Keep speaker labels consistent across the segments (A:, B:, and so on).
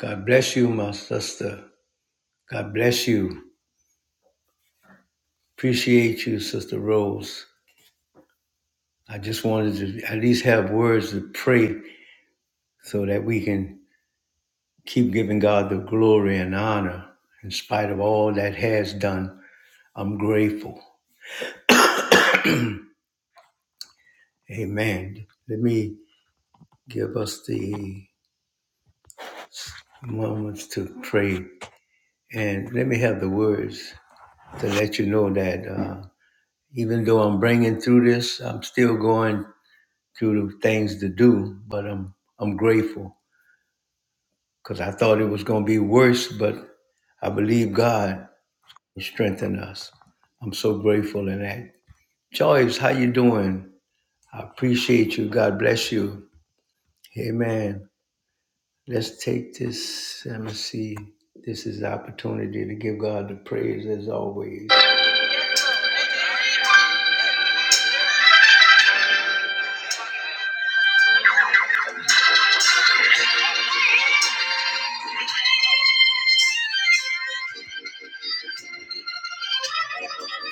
A: God bless you, my sister. God bless you. Appreciate you, Sister Rose. I just wanted to at least have words to pray so that we can keep giving God the glory and honor in spite of all that has done. I'm grateful. Amen. Let me give us the moments to pray and let me have the words to let you know that uh, even though I'm bringing through this, I'm still going few things to do, but I'm I'm grateful because I thought it was going to be worse, but I believe God will strengthen us. I'm so grateful in that. Joyce, how you doing? I appreciate you. God bless you. Amen. Let's take this. Let me see. This is the opportunity to give God the praise as always.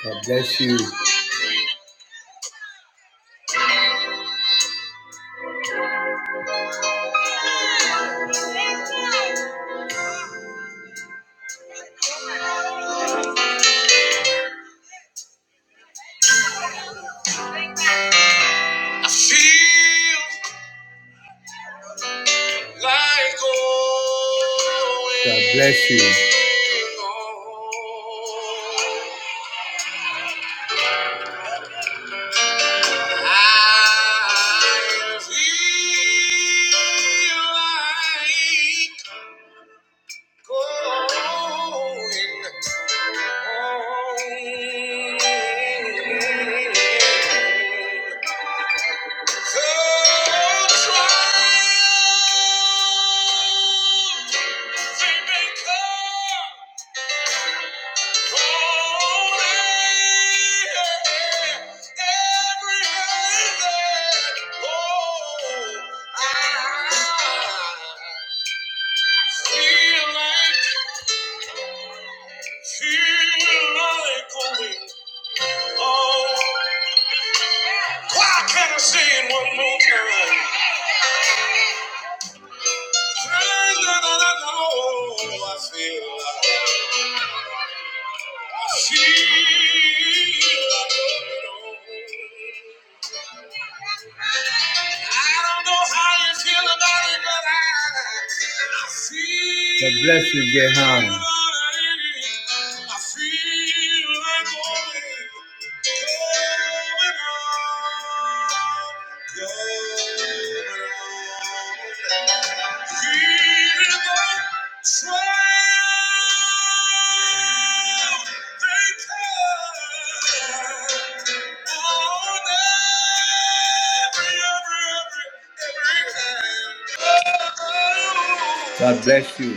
A: God bless you. I feel God bless you. like So Why can't I say it one more time? Stronger than I know I feel. I feel. like I don't know how you feel about it, but I, I feel. God bless you, Jehan. I feel like going, going on, going on. God bless you.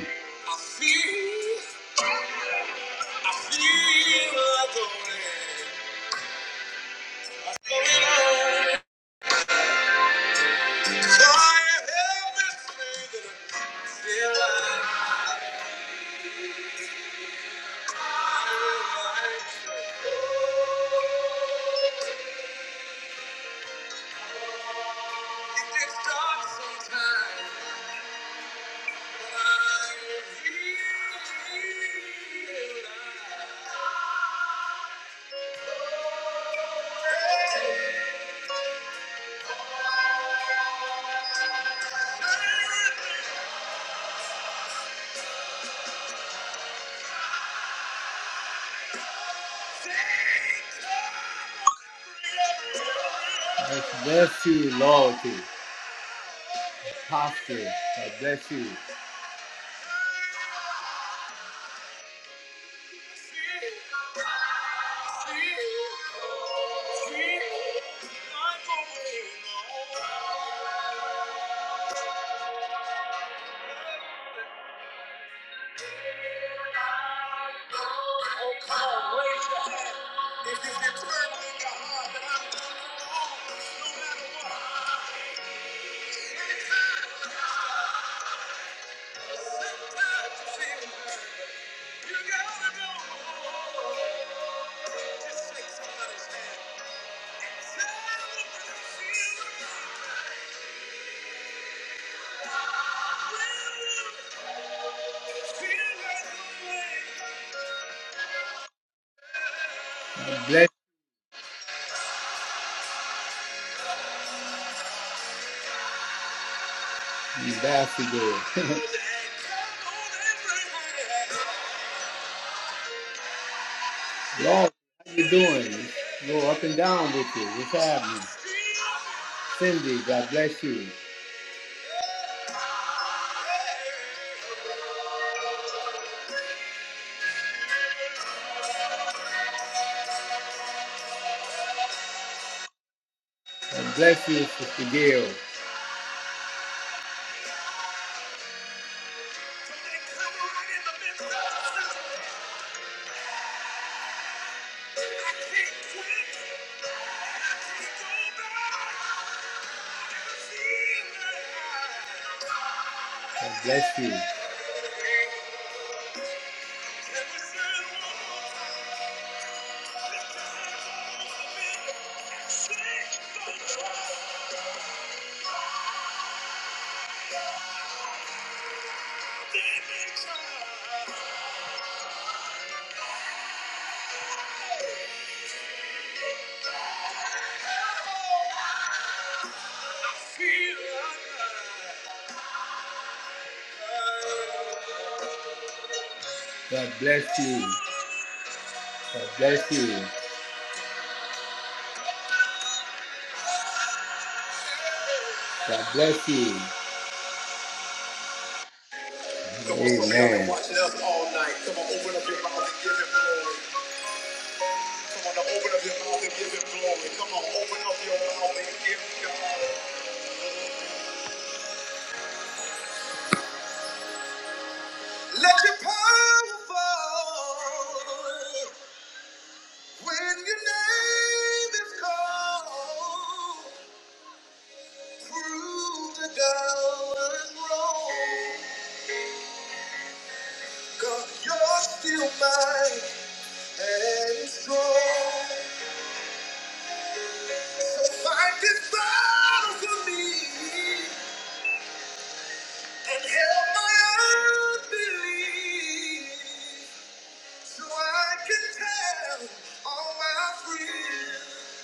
A: If you can turn me the heart I'm done wrong, no matter what. Anytime, sometimes you feel hurt, you gotta know. Just shake somebody's right. right You bastard girl. Lord, how you doing? Go up and down with you. What's happening? Cindy, God bless you. Bless you, Sister Gail. God bless you. God bless you. God bless you. God bless you. Amen. watching us all night. Come on, open up your mouth and give him glory. Come on, now open up your mouth and give him glory. Come on, open up your mouth and give God. Let your power fall when your name is called. Prove the doubters wrong. God, you're still mine and strong. So fight this battle for me and help my unbelief. So I can tell all my friends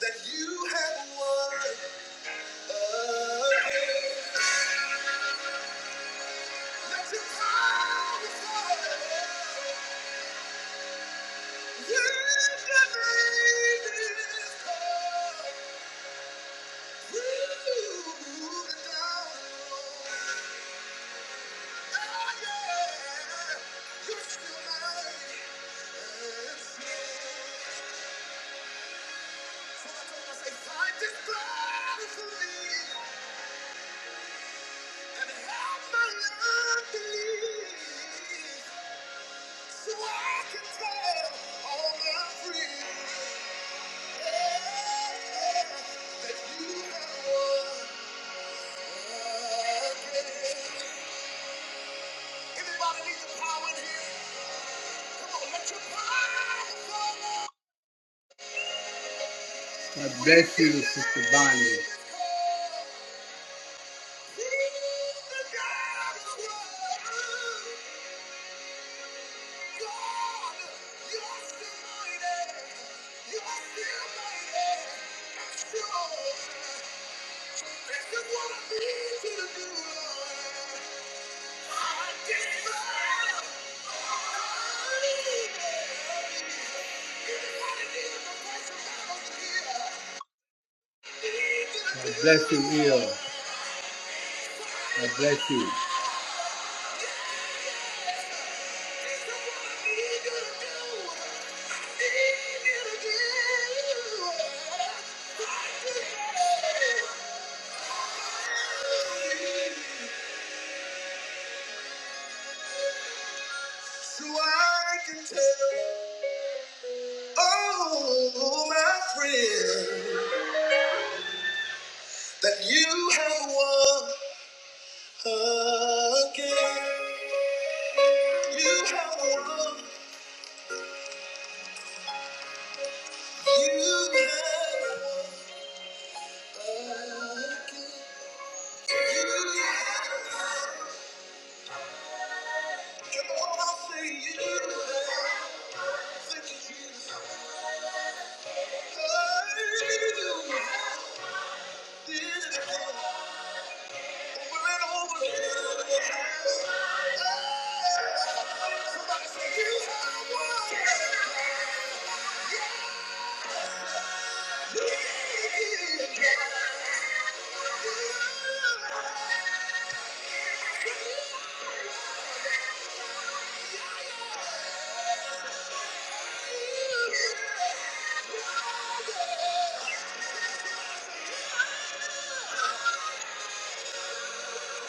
A: that you have won again. That your power is You Fight this battle for me. God bless you, Sister Bonnie. I bless you, Neil. I bless you. So I can tell, oh, my friend, that you have won again. You have won. You have won again. You have Come on, say you have. Thank you. Oh, Yeah. Yeah.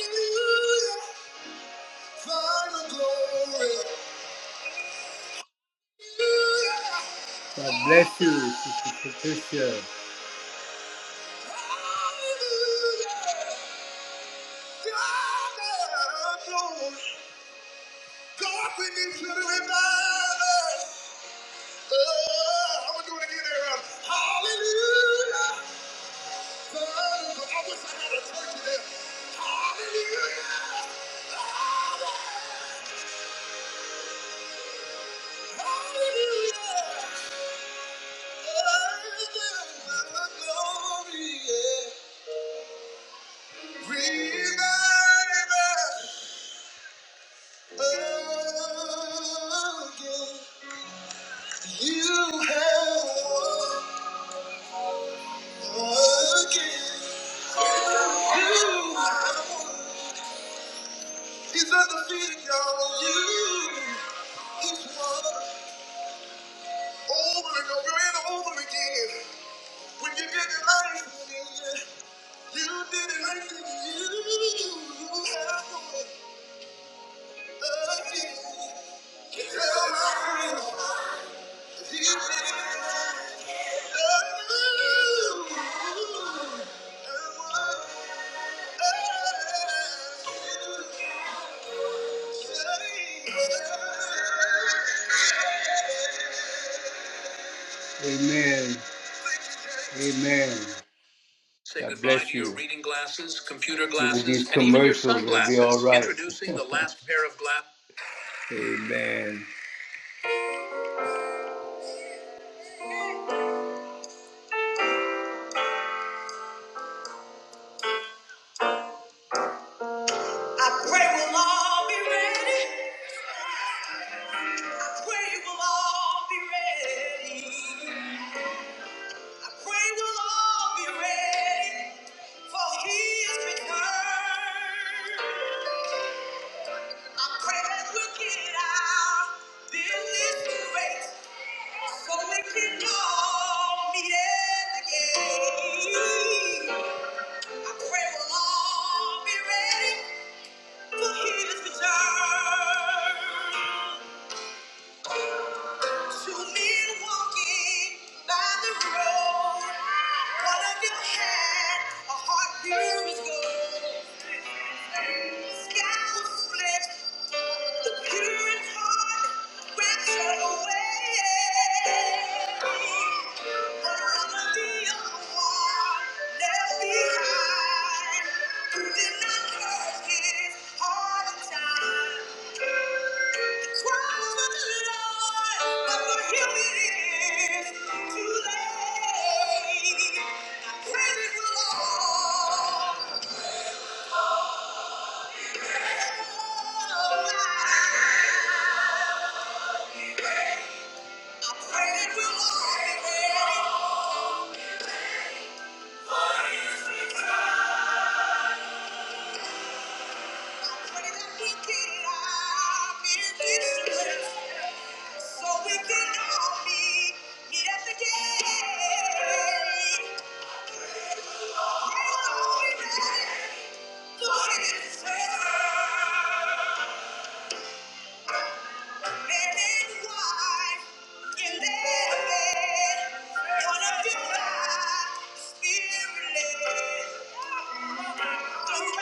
A: Hallelujah, final glory. God bless you, Sister Patricia. Breathe out of us. Oh, yeah. You have won again. You have won. He's undefeated, y'all. You. He's won over and over and over again. When you get it life again, you did it right for you. have won again. Tell my friends, he did it. right. Amen. Amen. Say God goodbye bless to your you. reading glasses, computer These- glasses, these and even your commercials will be all right. Introducing the last pair of glasses. Amen. I pray we'll all be ready. I pray we'll all be ready. I pray we'll all be ready for his return. I pray that we'll get it out this little race so we can all meet at the gate. I pray we'll all be ready for his return. To me walking by the road, one of you had a heart pure as gold. Sky was split, the purest in heart ran away. I pray it will all be ready. So we can all be meet at the gate. Thank you.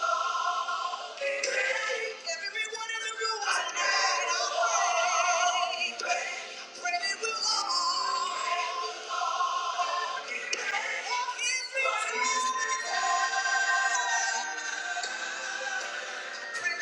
A: are. Thank you. Thank you.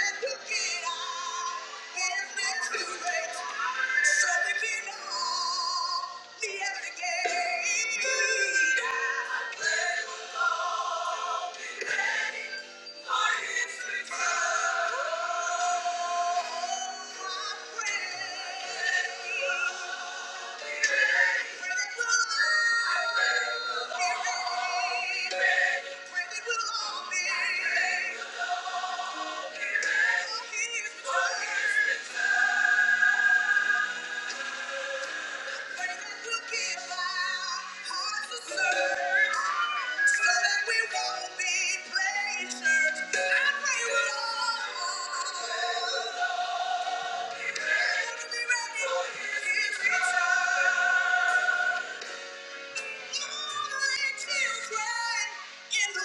A: The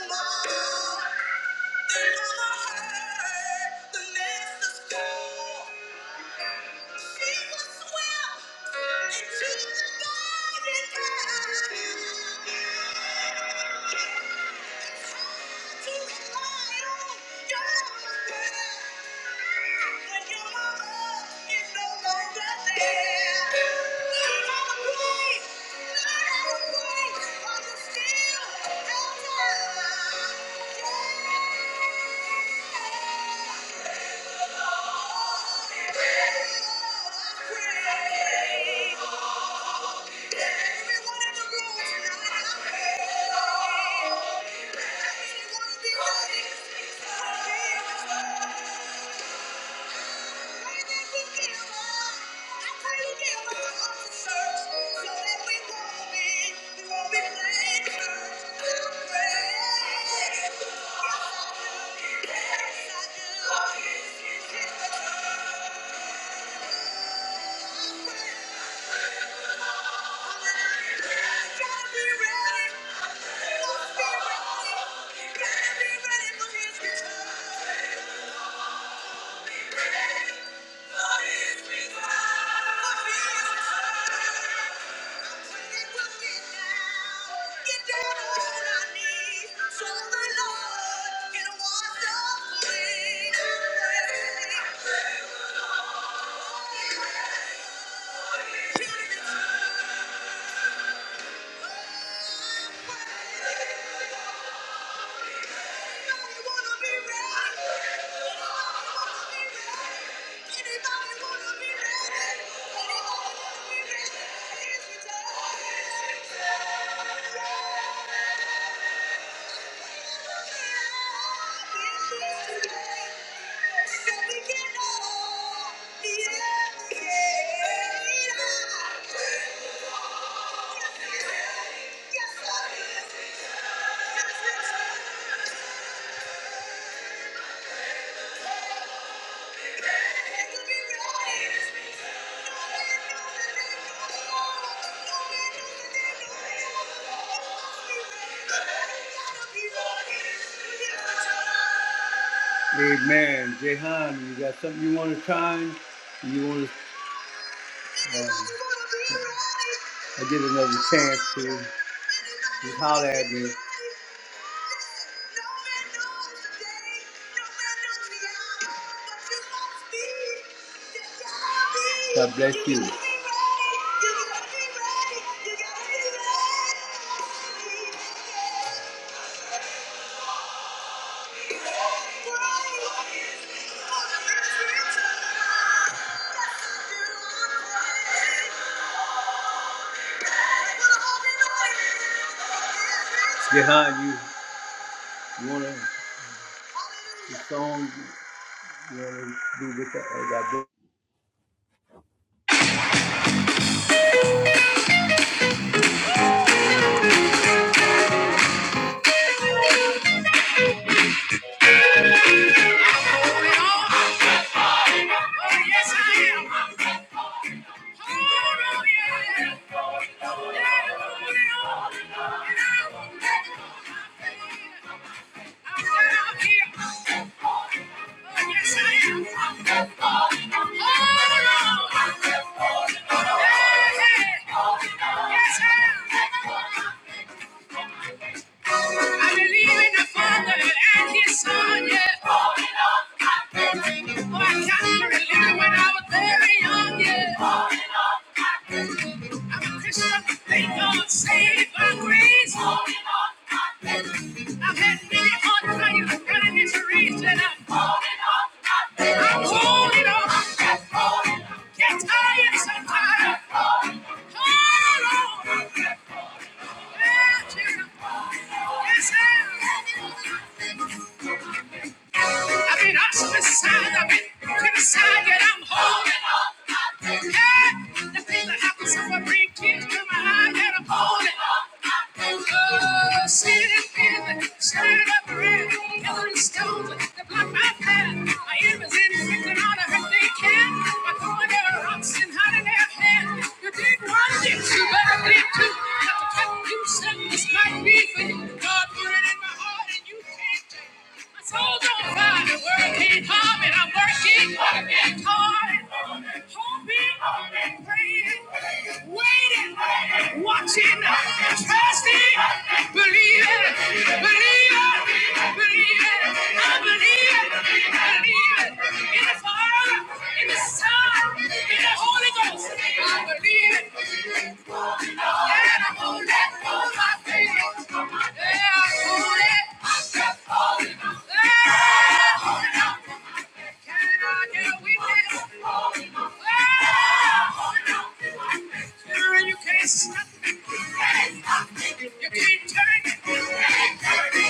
A: mother heard The Thank call. Yeah. Thank you. Thank you. Thank you. Yeah. Amen. Jehan, you got something you want to try? You want to uh, I get another chance to? Just holler at me. God bless you. Jehan, you, you wanna? The song really do with that. uh, that book.
B: Yes, I am. I believe in the Father and His Son, yeah. Holding on I believe. Oh, I can't believe when I was very young, yeah. Holding on to my I'm a Christian, thank God, saved by grace. Holding on to my I've had many hard times and miseries, and I'm holding on to my I'm holding on. I believe. Get tired sometimes. Hold on. It's him. I've been up to the side. I've been to the side, yet I'm holding on. Hey, the thing that happens if I bring tears to my eyes, yet I'm holding on. Oh, sin and fear, stirred up the red, killing stones that block my path. My enemies inflicting all the hurt they can by throwing their rocks and hiding their hand. You did one, did two, but I did two. Not to cut you, said this might be God put it in my heart and you can't take it. My soul's on fire, working hard and I'm working, working hard, hoping, praying, waiting, watching, trusting, believing, believing, believing. I believe, believe in the Father, in the Son, in the Holy Ghost. I believe.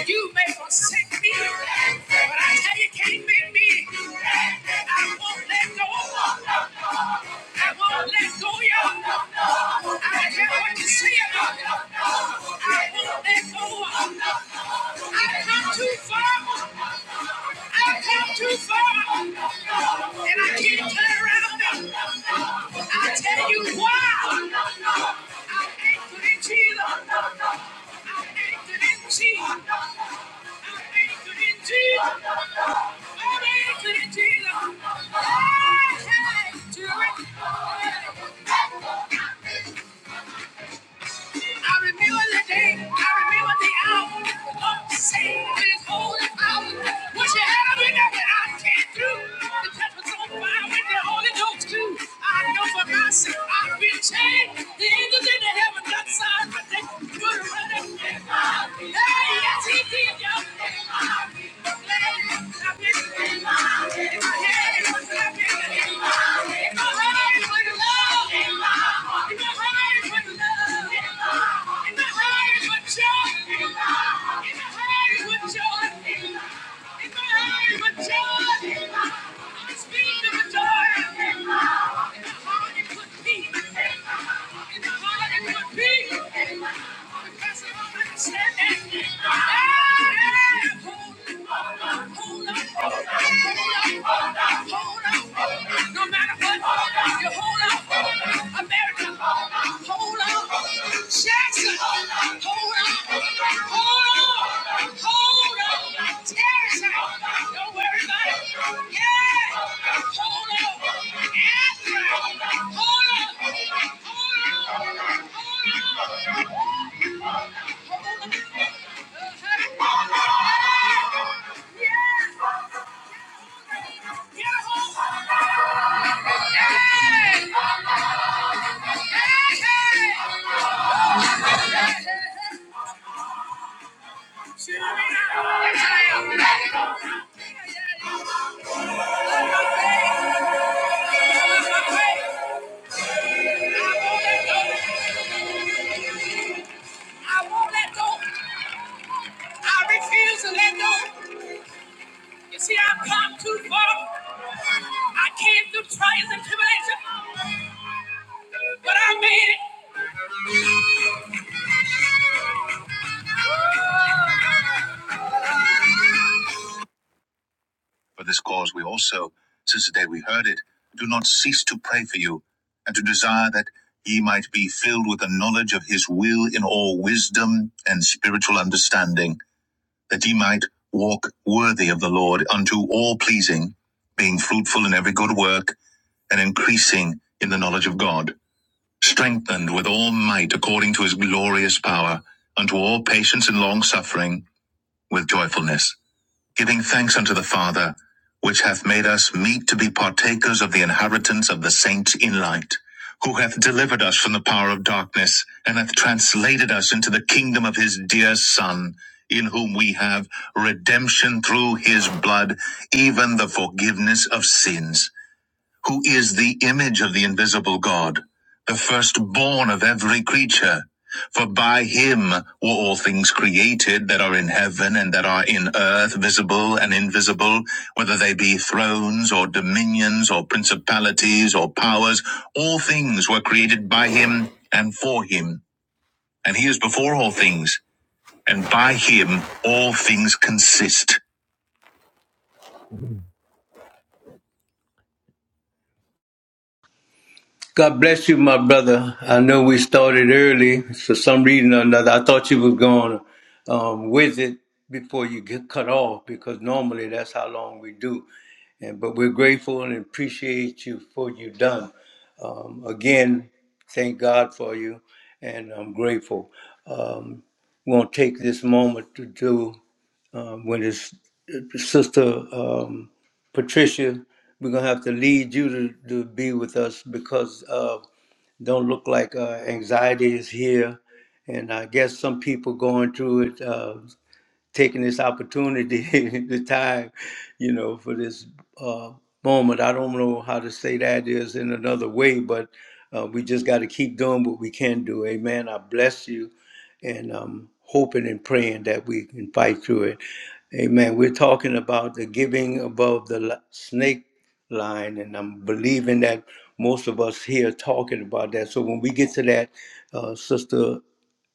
B: You may forsake me, but I tell you, can't make me. I won't let go. I won't let go, I won't let go. I've come too far. I've come too far. And I can't turn around I'll tell you why. I'm anchored in Jesus. I'm anchored in Jesus. I'm anchored in Jesus. I'm anchored in Jesus. I can't do it. I remember the day, I remember the hour. The Lord saved me in his holy power. What you had up in there that I can't do. The touch was on fire with the Holy Ghost too. I know for myself I've been changed. The angels in the heaven got signs, but they couldn't run it. Hey, yes, he did, y'all. Hey, I miss it. If I had it, it was because I don't understand that. I am holding on. Hold on. I won't let go. I refuse to let go. You see, I've come too far. I came through trials and tribulation, but I made it. For this cause we also, since the day we heard it, do not cease to pray for you, and to desire that ye might be filled with the knowledge of his will in all wisdom and spiritual understanding, that ye might walk worthy of the Lord unto all pleasing, being fruitful in every good work, and increasing in the knowledge of God, strengthened with all might according to his glorious power, unto all patience and long suffering with joyfulness giving thanks unto the Father, which hath made us meet to be partakers of the inheritance of the saints in light, who hath delivered us from the power of darkness, and hath translated us into the kingdom of his dear Son, in whom we have redemption through his blood, even the forgiveness of sins who is the image of the invisible God, the firstborn of every creature. For by him were all things created that are in heaven and that are in earth, visible and invisible, whether they be thrones or dominions or principalities or powers. All things were created by him and for him. And he is before all things, and by him all things consist.
A: God bless you, my brother. I know we started early for some reason or another. I thought you was going um, with it before you get cut off because normally that's how long we do. And but we're grateful and appreciate you for you done. Um, again, thank God for you, and I'm grateful. Um, we're gonna take this moment to do. um, when his sister um, Patricia, we're gonna have to lead you to, to be with us because uh, don't look like uh, anxiety is here, and I guess some people going through it. Uh, taking this opportunity, the time, you know, for this uh, moment. I don't know how to say that is in another way, but uh, we just got to keep doing what we can do. Amen. I bless you, and I'm hoping and praying that we can fight through it. Amen. We're talking about the giving above the li- snake line, and I'm believing that most of us here are talking about that. So when we get to that, uh, sister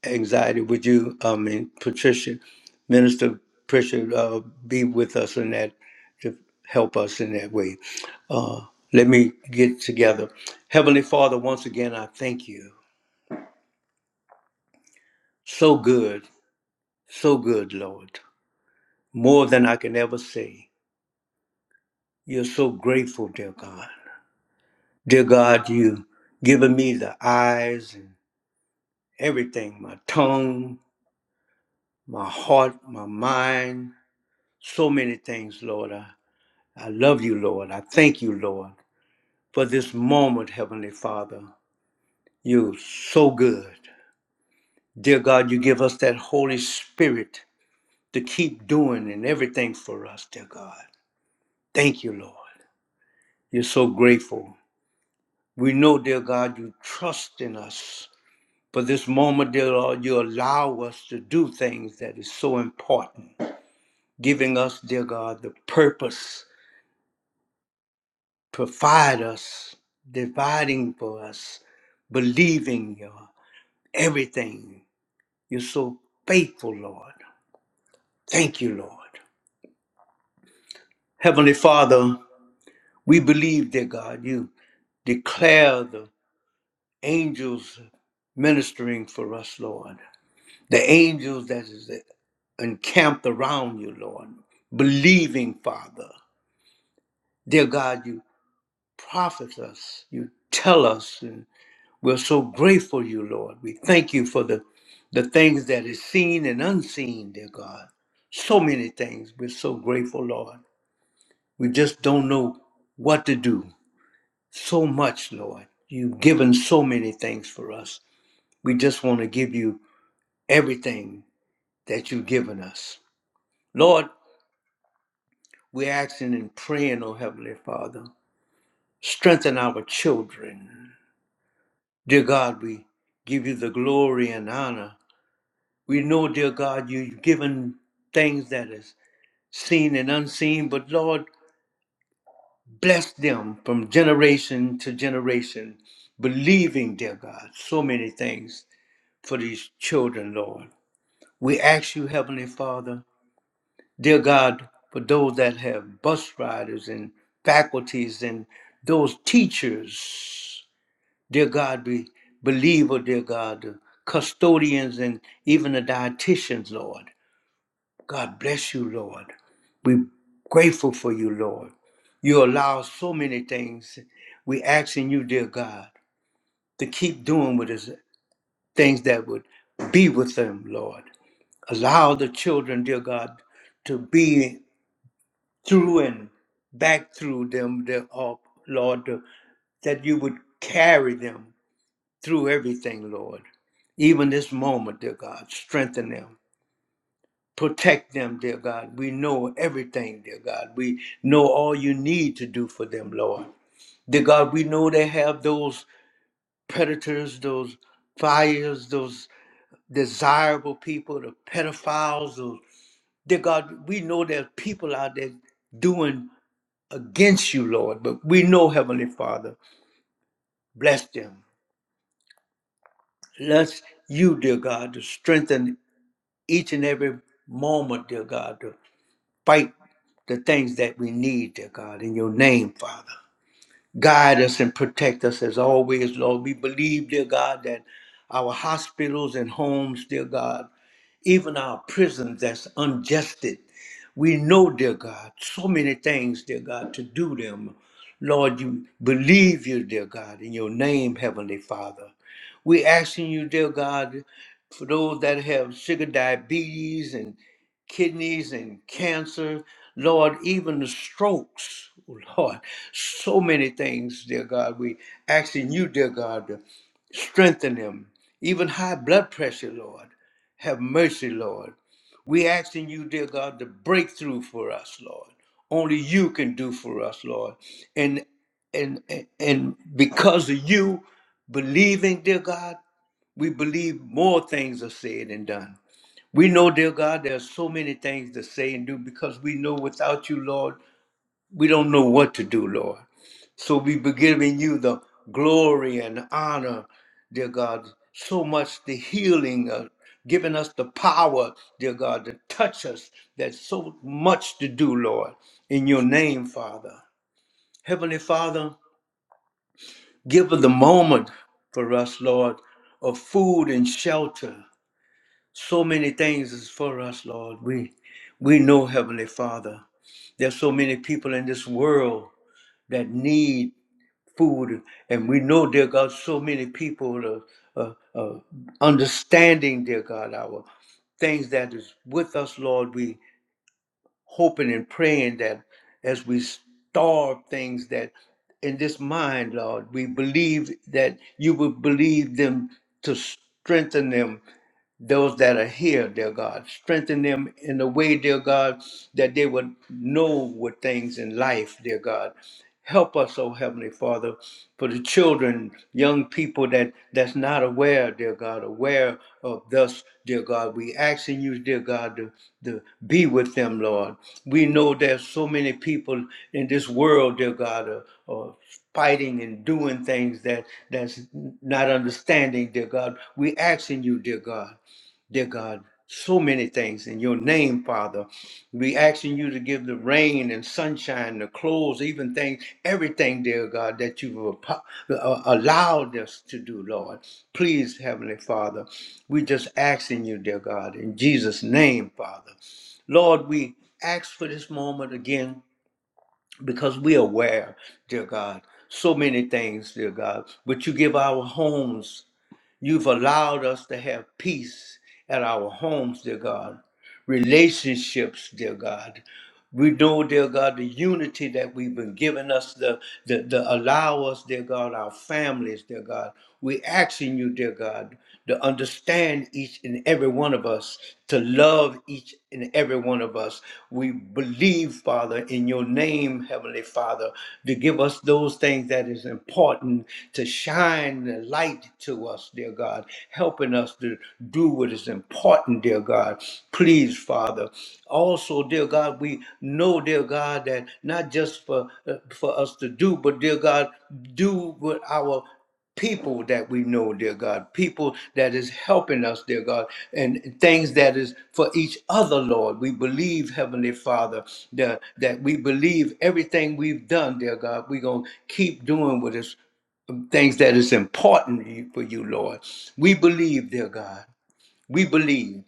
A: anxiety. Would you, um, and Patricia, Minister Patricia, uh, be with us in that to help us in that way? Uh, let me get together. Heavenly Father, once again, I thank you. So good, so good, Lord. More than I can ever say. You're so grateful, dear God. Dear God, you given me the eyes and everything, my tongue, my heart, my mind, so many things, Lord. I I love you, Lord. I thank you, Lord, for this moment, Heavenly Father. You're so good. Dear God, you give us that Holy Spirit to keep doing and everything for us, dear God. Thank you, Lord. You're so grateful. We know, dear God, you trust in us. For this moment, dear Lord, you allow us to do things that is so important, giving us, dear God, the purpose, provide us, dividing for us, believing you. everything. You're so faithful, Lord. Thank you, Lord. Heavenly Father, we believe, dear God, you declare the angels ministering for us, Lord. The angels that is encamped around you, Lord. Believing, Father. Dear God, you prophet us. You tell us. and. We're so grateful you, Lord. We thank you for the, the things that is seen and unseen, dear God. So many things. We're so grateful, Lord. We just don't know what to do. So much, Lord. You've given so many things for us. We just want to give you everything that you've given us. Lord, we're asking and praying, oh Heavenly Father, strengthen our children. Dear God, we give you the glory and honor We know, dear God, you've given things that is seen and unseen, but Lord, bless them from generation to generation, believing, dear God, so many things for these children, Lord. We ask you, Heavenly Father, dear God, for those that have bus riders and faculties and those teachers, dear God, we believe, oh dear God, the custodians and even the dietitians, Lord. God bless you, Lord. We're grateful for you, Lord. You allow so many things. We asking you, dear God, to keep doing with us things that would be with them, Lord. Allow the children, dear God, to be through and back through them, dear oh, Lord, to- that you would carry them through everything, Lord. Even this moment, dear God, strengthen them. Protect them, dear God. We know everything, dear God. We know all you need to do for them, Lord. Dear God, we know they have those predators, those fires, those desirable people, the pedophiles. Those, dear God, we know there's people out there doing against you, Lord. But we know, Heavenly Father, bless them. Bless you, dear God, to strengthen each and every moment, dear God, to fight the things that we need, dear God, in your name, Father. Guide us and protect us as always, Lord. We believe, dear God, that our hospitals and homes, dear God, even our prisons that's unjusted. We know, dear God, so many things, dear God, to do them. Lord, you believe you, dear God, in your name, Heavenly Father. we asking you, dear God, for those that have sugar diabetes and kidneys and cancer, Lord, even the strokes, oh Lord, so many things, dear God. We asking you, dear God, to strengthen them. Even high blood pressure, Lord. Have mercy, Lord. We asking you, dear God, to break through for us, Lord. Only you can do for us, Lord. And and and and because of you believing, dear God, we believe more things are said and done. We know, dear God, there are so many things to say and do because we know without you, Lord, we don't know what to do, Lord. So we be giving you the glory and honor, dear God. So much the healing, uh, giving us the power, dear God, to touch us. There's so much to do, Lord, in your name, Father. Heavenly Father, give us the moment for us, Lord, of food and shelter. So many things is for us, Lord. We we know, Heavenly Father, there's so many people in this world that need food, and we know, dear God, so many people are, uh, uh, understanding, dear God, our things that is with us, Lord. We hoping and praying that as we starve things that in this mind, Lord, we believe that you will believe them to strengthen them those that are here, dear God. Strengthen them in the way, dear God, that they would know what things in life, dear God. Help us, oh Heavenly Father, for the children, young people that that's not aware, dear God, aware of thus, dear God. We asking you, dear God, to, to be with them, Lord. We know there's so many people in this world, dear God, are, are fighting and doing things that that's not understanding, dear God. We asking you, dear God dear God, so many things in your name, Father. We asking you to give the rain and sunshine, the clothes, even things, everything, dear God, that you've apo- uh, allowed us to do, Lord. Please, Heavenly Father, we just asking you, dear God, in Jesus' name, Father. Lord, we ask for this moment again because we are aware, dear God, so many things, dear God, but you give our homes. You've allowed us to have peace at our homes, dear God, relationships, dear God. We know, dear God, the unity that we've been given us, the, the, the allow us, dear God, our families, dear God. we asking you, dear God, to understand each and every one of us, to love each and every one of us. We believe, Father, in your name, Heavenly Father, to give us those things that is important, to shine the light to us, dear God, helping us to do do what is important, dear God. Please, Father. Also, dear God, we know, dear God, that not just for uh, for us to do, but dear God, do what our people that we know, dear God, people that is helping us, dear God, and things that is for each other, Lord. We believe, Heavenly Father, that, that we believe everything we've done, dear God, we're going to keep doing with us things that is important for you, Lord. We believe, dear God. We believe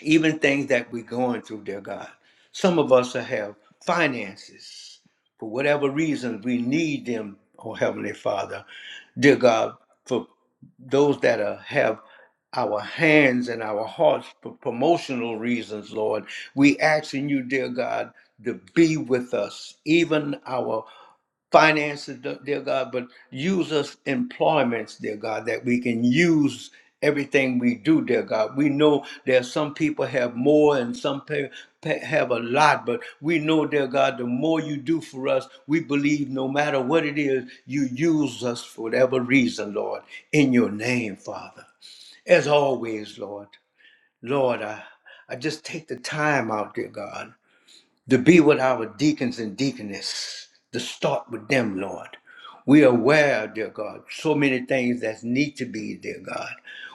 A: even things that we're going through, dear God. Some of us have finances for whatever reason we need them, oh Heavenly Father, dear God, for those that are, have our hands and our hearts for promotional reasons, Lord. We asking you, dear God, to be with us, even our finances, de- dear God, but use us employments, dear God, that we can use everything we do, dear God. We know that some people have more and some pe- pe- have a lot, but we know, dear God, the more you do for us, we believe no matter what it is, you use us for whatever reason, Lord, in your name, Father. As always, Lord, Lord, I, I just take the time out, dear God to be with our deacons and deaconess, to start with them, Lord. We are aware, dear God, so many things that need to be, dear God.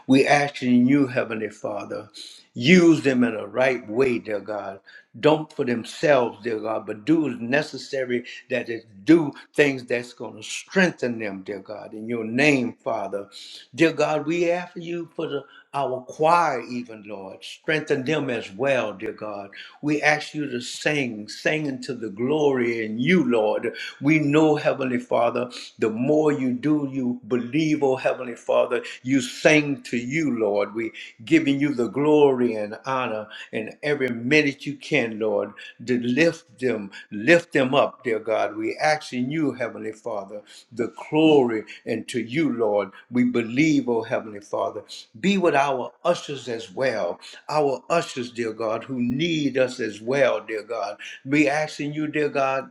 A: We ask in you, Heavenly Father, use them in a right way, dear God don't for themselves, dear God, but do is necessary that is do things that's going to strengthen them, dear God, in your name, Father. Dear God, we ask you for the our choir, even Lord, strengthen them as well, dear God. We ask you to sing, sing into the glory in you, Lord. We know, Heavenly Father, the more you do, you believe, oh Heavenly Father you sang to you, Lord. We giving you the glory and honor in every minute you can, Lord, to lift them, lift them up, dear God. We asking you, Heavenly Father, the glory and to you, Lord. We believe, oh Heavenly Father. Be with our ushers as well. Our ushers, dear God, who need us as well, dear God. We asking you, dear God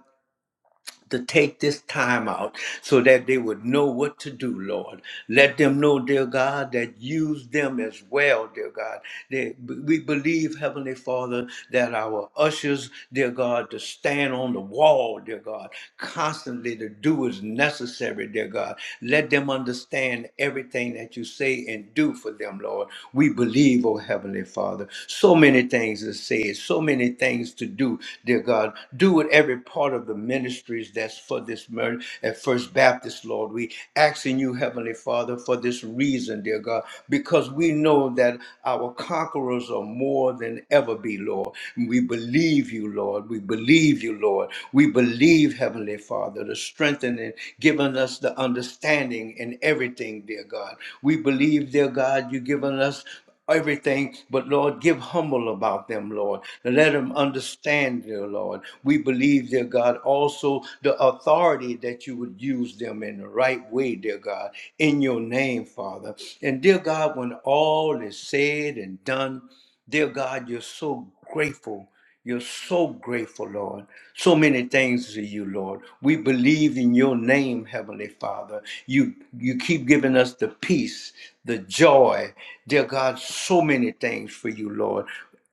A: to take this time out so that they would know what to do, Lord. Let them know, dear God, that use them as well, dear God. They, we believe, Heavenly Father, that our ushers, dear God, to stand on the wall, dear God, constantly to do what is necessary, dear God. Let them understand everything that you say and do for them, Lord. We believe, oh Heavenly Father, so many things to say, so many things to do, dear God. Do it with every part of the ministries that's for this murder at First Baptist, Lord. We asking you, Heavenly Father, for this reason, dear God, because we know that our conquerors are more than ever be, Lord. We believe you, Lord. We believe you, Lord. We believe, Heavenly Father, the strengthening, giving us the understanding in everything, dear God. We believe, dear God, you've given us everything, but Lord, give humble about them, Lord. Let them understand, dear Lord. We believe, dear God, also the authority that you would use them in the right way, dear God, in your name, Father. And dear God, when all is said and done, dear God, you're so grateful. You're so grateful, Lord. So many things to you, Lord. We believe in your name, Heavenly Father. You you keep giving us the peace, the joy. Dear God, so many things for you, Lord.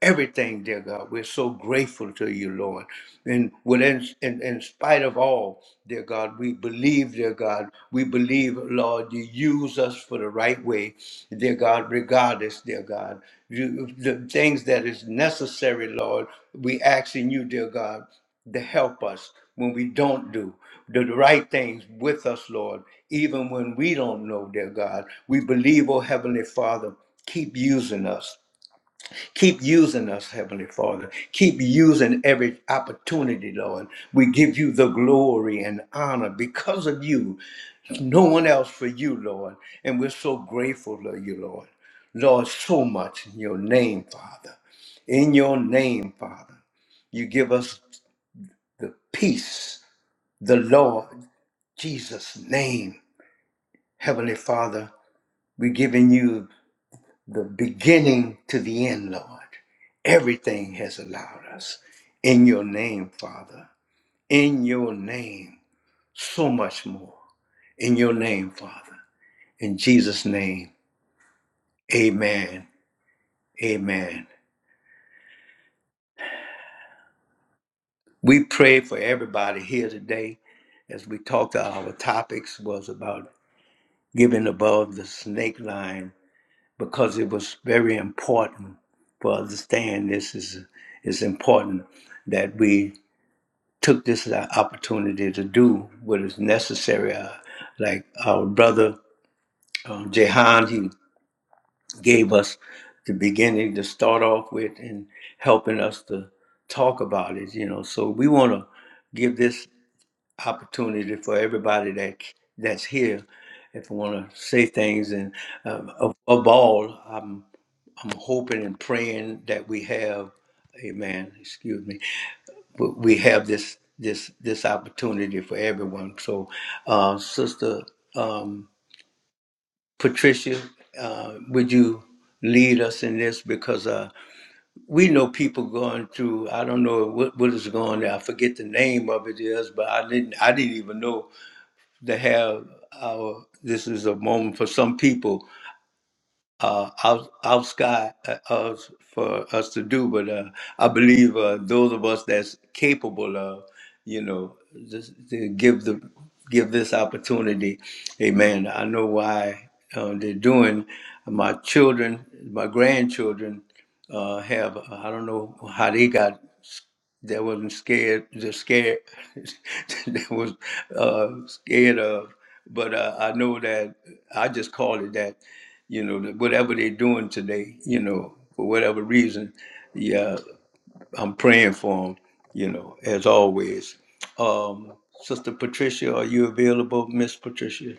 A: Everything, dear God, we're so grateful to you, Lord. And within, in, in spite of all, dear God, we believe, dear God. God. We believe, Lord, you use us for the right way, dear God, regardless, dear God. You, the things that is necessary, Lord, we asking you, dear God, to help us when we don't do the right things with us, Lord, even when we don't know, dear God. We believe, oh Heavenly Father, keep using us. Keep using us, Heavenly Father. Keep using every opportunity, Lord. We give you the glory and honor because of you no one else for you, Lord. And we're so grateful to you, Lord. Lord, so much in your name, Father. In your name, Father, you give us the peace, the Lord Jesus' name. Heavenly Father, we're giving you the beginning to the end, Lord. Everything has allowed us in your name, Father. In your name, so much more. In your name, Father. In Jesus' name. Amen. Amen. We pray for everybody here today as we talked our topics was about giving above the snake line because it was very important for understand this is is important that we took this as an opportunity to do what is necessary. Uh, like our brother um, Jehan, he gave us the beginning to start off with and helping us to talk about it you know so we want to give this opportunity for everybody that that's here if we want to say things and um, of, of all i'm i'm hoping and praying that we have amen excuse me we we have this this this opportunity for everyone so uh sister um patricia uh would you lead us in this because uh, we know people going through i don't know what, what is going on i forget the name of it is but i didn't i didn't even know they have our this is a moment for some people uh, out, out sky uh, us for us to do. But uh, I believe uh, those of us that's capable of, you know, just to give the give this opportunity. Amen. I know why uh, they're doing. My children, my grandchildren, uh, have I don't know how they got that wasn't scared just scared that was uh scared of but uh, i know that i just call it that you know that whatever they're doing today you know for whatever reason yeah i'm praying for them you know as always um sister patricia are you available miss patricia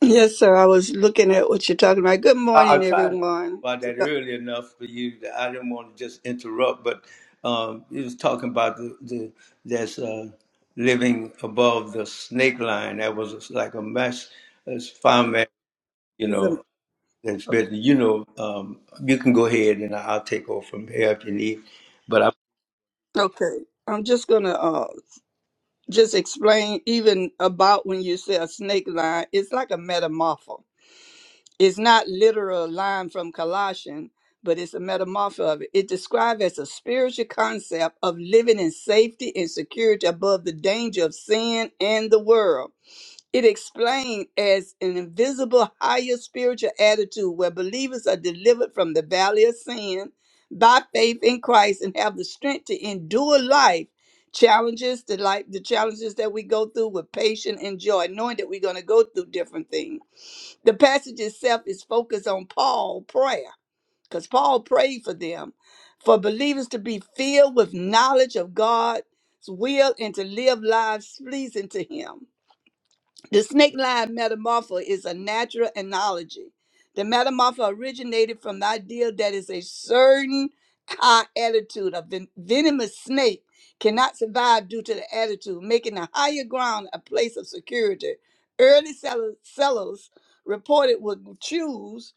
C: Yes, sir. I was looking at what you're talking about. Good morning, everyone.
A: about that early enough for you that I didn't want to just interrupt, but um, you was talking about the, the that's uh, living above the snake line. That was like a mess. It's fireman, you
C: Listen,
A: know. That's better. You know, um, you can go ahead and I'll take over from here if you need. But I,
C: Okay, I'm just gonna uh, just explain even about when you say a snake line. It's like a metamorpho. It's not literal line from Colossian, but it's a metamorpho of it. It described as a spiritual concept of living in safety and security above the danger of sin and the world. It explained as an invisible higher spiritual attitude where believers are delivered from the valley of sin by faith in Christ and have the strength to endure life challenges, the life, the challenges that we go through with patience and joy, knowing that we're going to go through different things. The passage itself is focused on Paul prayer because Paul prayed for them, for believers to be filled with knowledge of God's will and to live lives pleasing to Him. The snake line metamorpho is a natural analogy. The metamorpho originated from the idea that is a certain high attitude. A ven- venomous snake cannot survive due to the attitude, making the higher ground a place of security. Early settlers, settlers reported would choose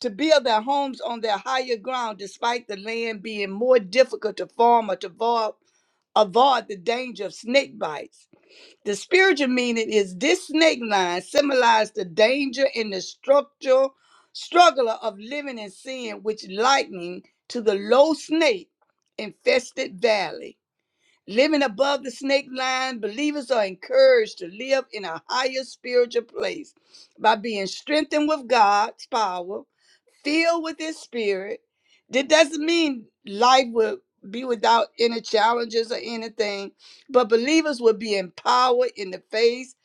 C: to build their homes on their higher ground despite the land being more difficult to farm or to avoid, avoid the danger of snake bites. The spiritual meaning is this snake line symbolized the danger and the structural struggle of living in sin, which lightning to the low snake infested valley. Living above the snake line, believers are encouraged to live in a higher spiritual place by being strengthened with God's power, filled with His Spirit. That doesn't mean life will be without any challenges or anything, but believers will be empowered in the face,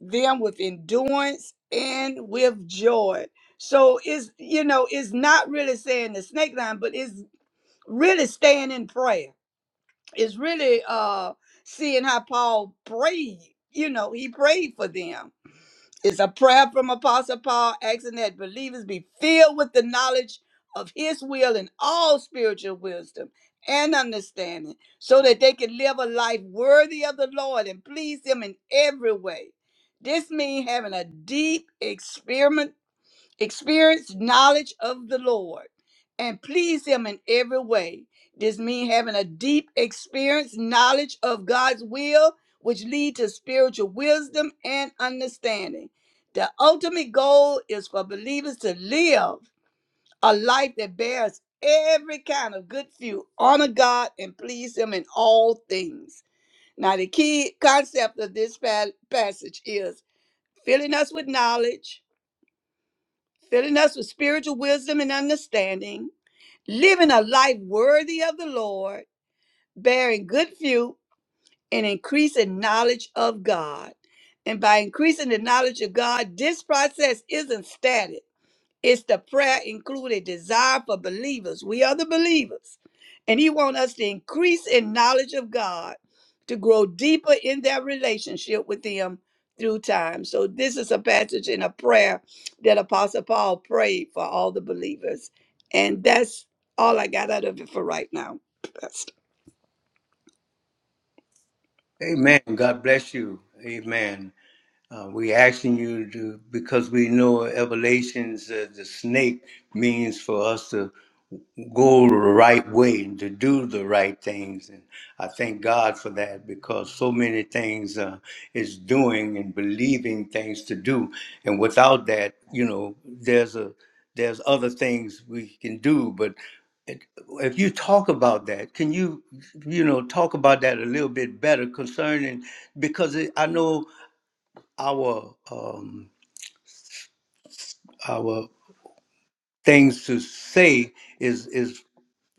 C: them with endurance and with joy. So it's you know, it's not really saying the snake line, but it's really staying in prayer is really uh seeing how Paul prayed. You know, he prayed for them. It's a prayer from Apostle Paul asking that believers be filled with the knowledge of his will and all spiritual wisdom and understanding so that they can live a life worthy of the Lord and please him in every way. This means having a deep experience knowledge of the Lord and please Him in every way. This means having a deep experience, knowledge of God's will, which lead to spiritual wisdom and understanding. The ultimate goal is for believers to live a life that bears every kind of good fruit, honor God, and please Him in all things. Now, the key concept of this pa- passage is filling us with knowledge, filling us with spiritual wisdom and understanding, living a life worthy of the Lord, bearing good fruit, and increasing knowledge of God. And by increasing the knowledge of God, this process isn't static. It's the prayer included desire for believers. We are the believers. And he wants us to increase in knowledge of God, to grow deeper in their relationship with him through time. So this is a passage in a prayer that Apostle Paul prayed for all the believers. And that's all I got out of it for right now. Pastor.
A: Amen. God bless you. Amen. Uh, we asking you to because we know Evelations, uh, the snake means for us to go the right way and to do the right things. And I thank God for that because so many things uh, is doing and believing things to do. And without that, you know, there's a there's other things we can do, but it- if you talk about that, can you, you know, talk about that a little bit better concerning because it, I know our um, our things to say is is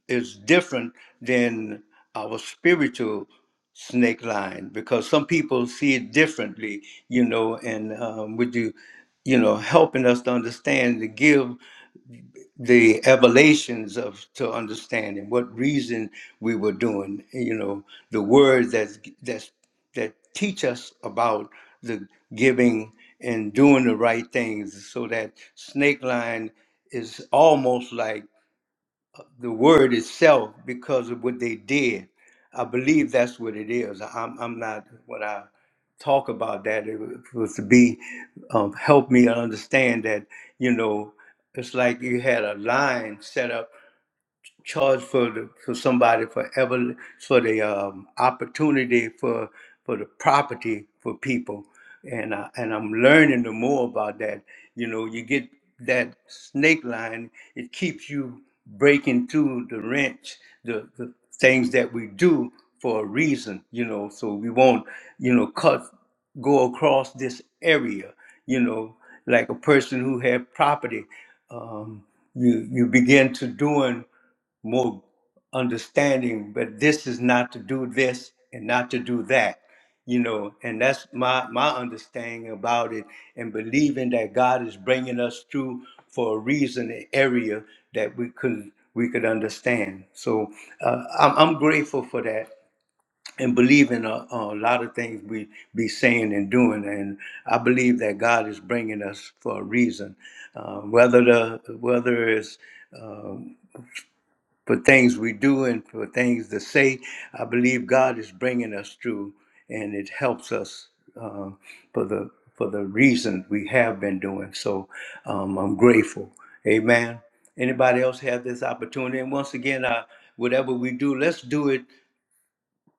A: is different than our spiritual snake line because some people see it differently, you know. And um, would you, you know, helping us to understand to give. the evelations of to understanding what reason we were doing you know the words that that's that teach us about the giving and doing the right things so that snake line is almost like the word itself because of what they did. I believe that's what it is. I'm, I'm not, when I talk about that, it was to be, um, help me understand that, you know, it's like you had a line set up charge for the, for somebody for ever for the um, opportunity for for the property for people and I, and I'm learning the more about that you know you get that snake line it keeps you breaking through the wrench the, the things that we do for a reason you know so we won't you know cut go across this area you know like a person who had property um, you you begin to doing more understanding, but this is not to do this and not to do that, you know, and that's my my understanding about it and believing that God is bringing us through for a reason, an area that we could we could understand. So uh, I'm, I'm grateful for that and believe in a, a lot of things we be saying and doing. And I believe that God is bringing us for a reason, uh, whether the whether it's uh, for things we do and for things to say. I believe God is bringing us through, and it helps us uh, for the for the reason we have been doing. So um, I'm grateful. Amen. Anybody else have this opportunity? And once again, I, whatever we do, let's do it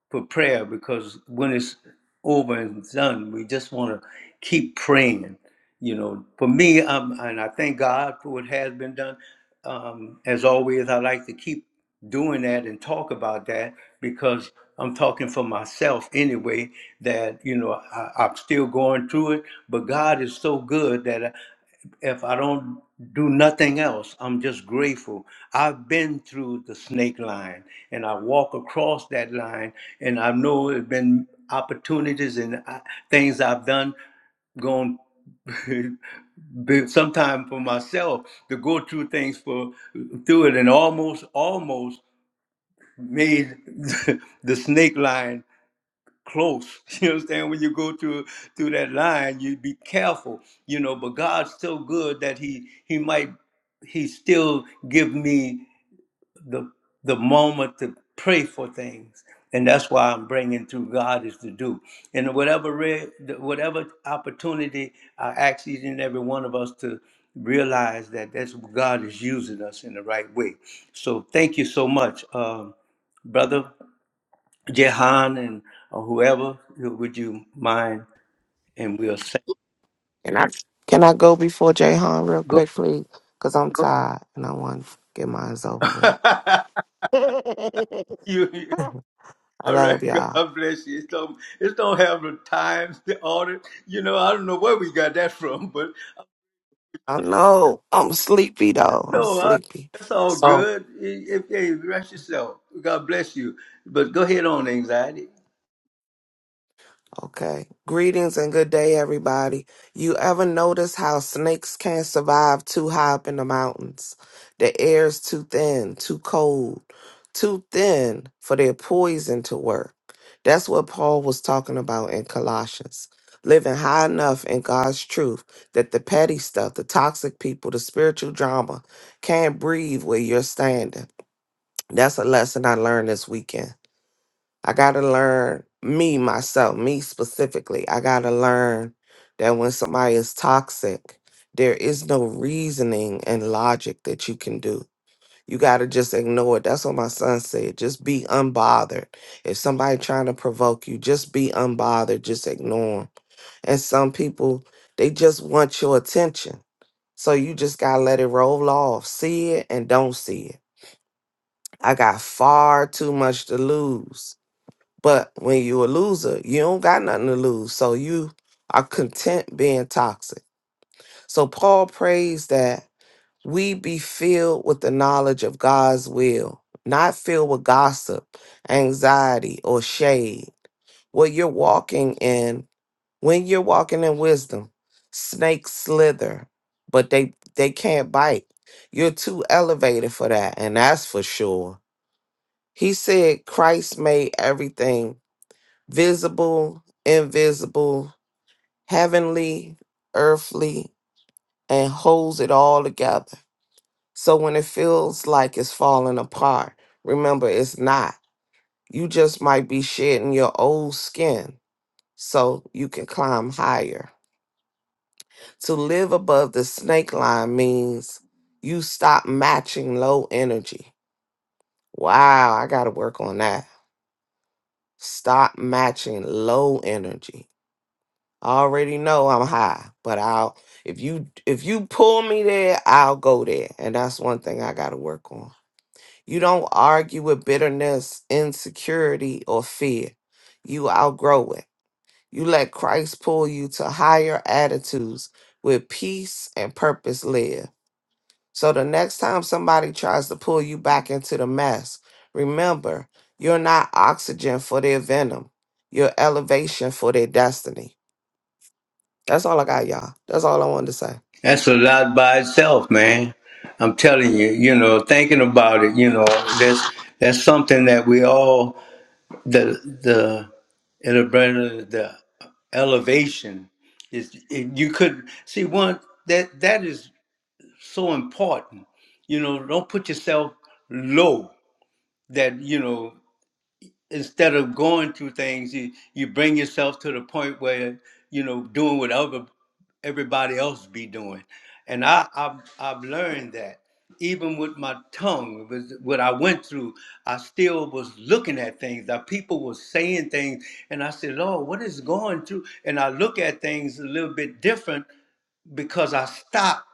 A: for prayer because when it's over and done, we just want to keep praying. You know, for me, um, and I thank God for what has been done. Um, as always, I like to keep doing that and talk about that because I'm talking for myself anyway. That you know, I, I'm still going through it, but God is so good that if I don't do nothing else, I'm just grateful. I've been through the snake line and I walk across that line and I know there have been opportunities and uh, things I've done going sometimes for myself to go through things for through it and almost almost made the snake line close. You understand? When you go through through that line, you be careful, you know. But God's so good that He He might He still give me the the moment to pray for things, and that's why I'm bringing through God is to do. And whatever re- whatever opportunity I ask each and every one of us to realize that that's God is using us in the right way. So thank you so much, um, brother. Jehan and or whoever, would you mind? And we'll say,
D: Can I can I go before Jayhan real
A: go.
D: quick, please? Cause I'm Go. tired and I want to get mine over with.
A: you, you-
E: Gr-
D: I
A: all right,
D: love y'all.
A: God bless you. It don't, it don't have the times, the order. You know, I don't know where we got that from, but
D: I know I'm sleepy though. I'm
A: no, I,
D: sleepy.
A: that's all good. If hey, rest yourself. God bless you. But go ahead on anxiety.
D: Okay. Greetings and good day, everybody. You ever notice how snakes can't survive too high up in the mountains? The air's too thin, too cold, too thin for their poison to work. That's what Paul was talking about in Colossians. Living high enough in God's truth that the petty stuff, the toxic people, the spiritual drama can't breathe where you're standing. That's a lesson I learned this weekend. I got to learn me, myself, me specifically. I got to learn that when somebody is toxic, there is no reasoning and logic that you can do. You got to just ignore it. That's what my son said. Just be unbothered. If somebody trying to provoke you, just be unbothered. Just ignore 'em. And some people, they just want your attention. So you just got to let it roll off. See it and don't see it. I got far too much to lose but when you a loser, you don't got nothing to lose. So you are content being toxic. So Paul prays that we be filled with the knowledge of God's will, not filled with gossip, anxiety, or shade. What you're walking in, when you're walking in wisdom, snakes slither, but they they can't bite. You're too elevated for that, and that's for sure. He said Christ made everything visible, invisible, heavenly, earthly, and holds it all together. So when it feels like it's falling apart, remember it's not. You just might be shedding your old skin so you can climb higher. To live above the snake line means you stop matching low energy. Wow, I got to work on that. Stop matching low energy I already know I'm high, but I'll if you if you pull me there, I'll go there. And that's one thing I gotta work on. You don't argue with bitterness, insecurity, or fear. You outgrow it. You let Christ pull you to higher attitudes where peace and purpose live. So the next time somebody tries to pull you back into the mess, remember you're not oxygen for their venom. You're elevation for their destiny. That's all I got, y'all. That's all I wanted to say.
A: That's a lot by itself, man. I'm telling you, you know, thinking about it, you know, that's that's something that we all the the elevation the elevation is and you could see one that that is so important you know don't put yourself low that you know instead of going through things, you you bring yourself to the point where you know doing what other everybody else be doing, and I I've, I've learned that even with my tongue, with what I went through, I still was looking at things that people were saying things, and I said, Lord, what is going through? And I look at things a little bit different because I stopped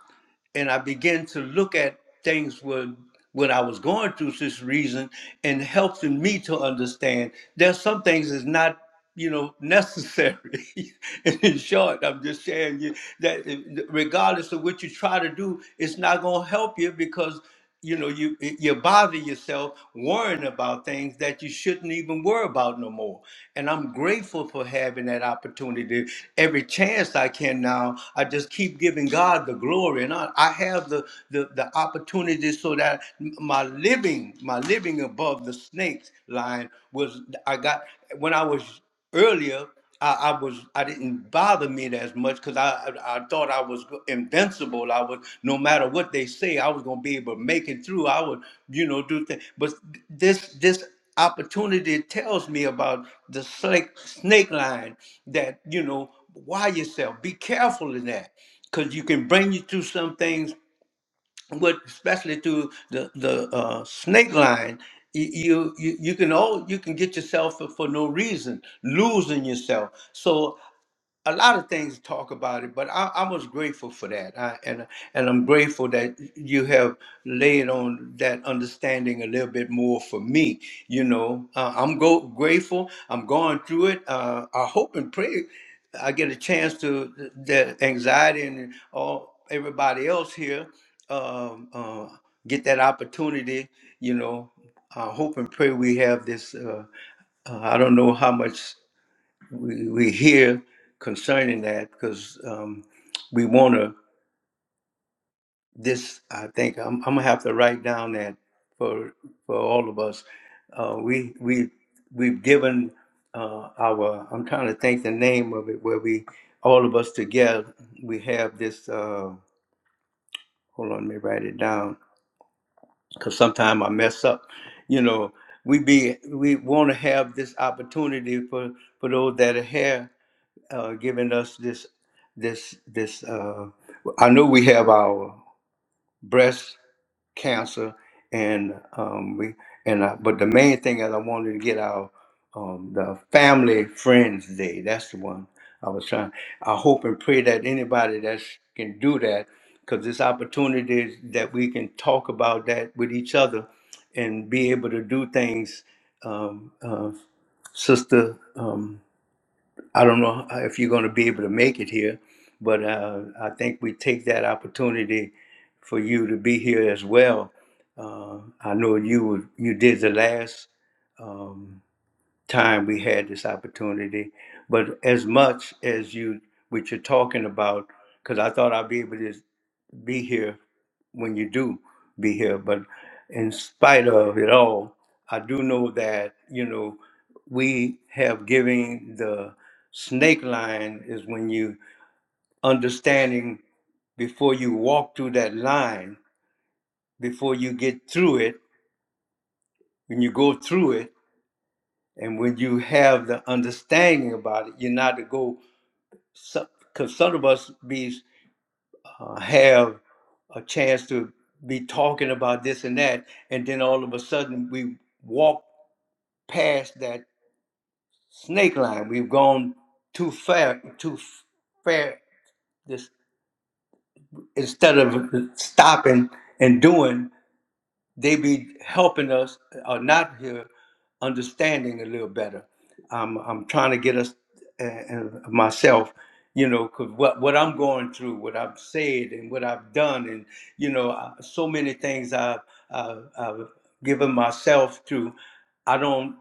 A: and I began to look at things when when I was going through this reason and helping me to understand there's some things that's not you know necessary. and in short, I'm just saying you, that regardless of what you try to do, it's not gonna help you because you know you you bother yourself worrying about things that you shouldn't even worry about no more and i'm grateful for having that opportunity every chance i can now i just keep giving god the glory and i, I have the, the the opportunity so that my living my living above the snakes line was i got when i was earlier I, I was I didn't bother me as much because I, I I thought I was invincible. I was no matter what they say, I was gonna be able to make it through. I would you know do things. But this this opportunity tells me about the snake snake line that you know wire yourself. Be careful in that because you can bring you through some things but especially through the the uh, snake line, y- you you you can all you can get yourself for, for no reason losing yourself. So a lot of things to talk about it, but I, I was grateful for that, I, and and I'm grateful that you have laid on that understanding a little bit more for me. You know, uh, I'm go grateful. I'm going through it. Uh, I hope and pray I get a chance to the anxiety and all everybody else here um, uh, get that opportunity. You know, I hope and pray we have this. Uh, uh, I don't know how much we, we hear concerning that because um, we want to this i think I'm, I'm gonna have to write down that for for all of us uh, we we we've given uh, our i'm trying to think the name of it where we all of us together we have this uh, hold on let me write it down because sometimes i mess up you know we be we want to have this opportunity for for those that are here uh, giving us this this this uh, I know we have our breast cancer and um, we and uh, but the main thing is I wanted to get our um, the family friends day that's the one I was trying I hope and pray that anybody that can do that because this opportunity is that we can talk about that with each other and be able to do things um, uh, sister Um, I don't know if you're going to be able to make it here, but uh, I think we take that opportunity for you to be here as well. Uh, I know you were- you did the last um, time we had this opportunity, but as much as you what you're talking about, because I thought I'd be able to be here when you do be here. But in spite of it all, I do know that, you know, we have given the snake line is when you understanding before you walk through that line, before you get through it, when you go through it, and when you have the understanding about it, you're not to go, because some of us be, uh, have a chance to be talking about this and that, and then all of a sudden we walk past that snake line. We've gone too far, too far. This instead of stopping and doing, they be helping us or not here, understanding a little better. I'm I'm trying to get us and and myself, you know, because what what I'm going through, what I've said and what I've done, and you know, I- so many things I've I've, I've given myself to. I don't.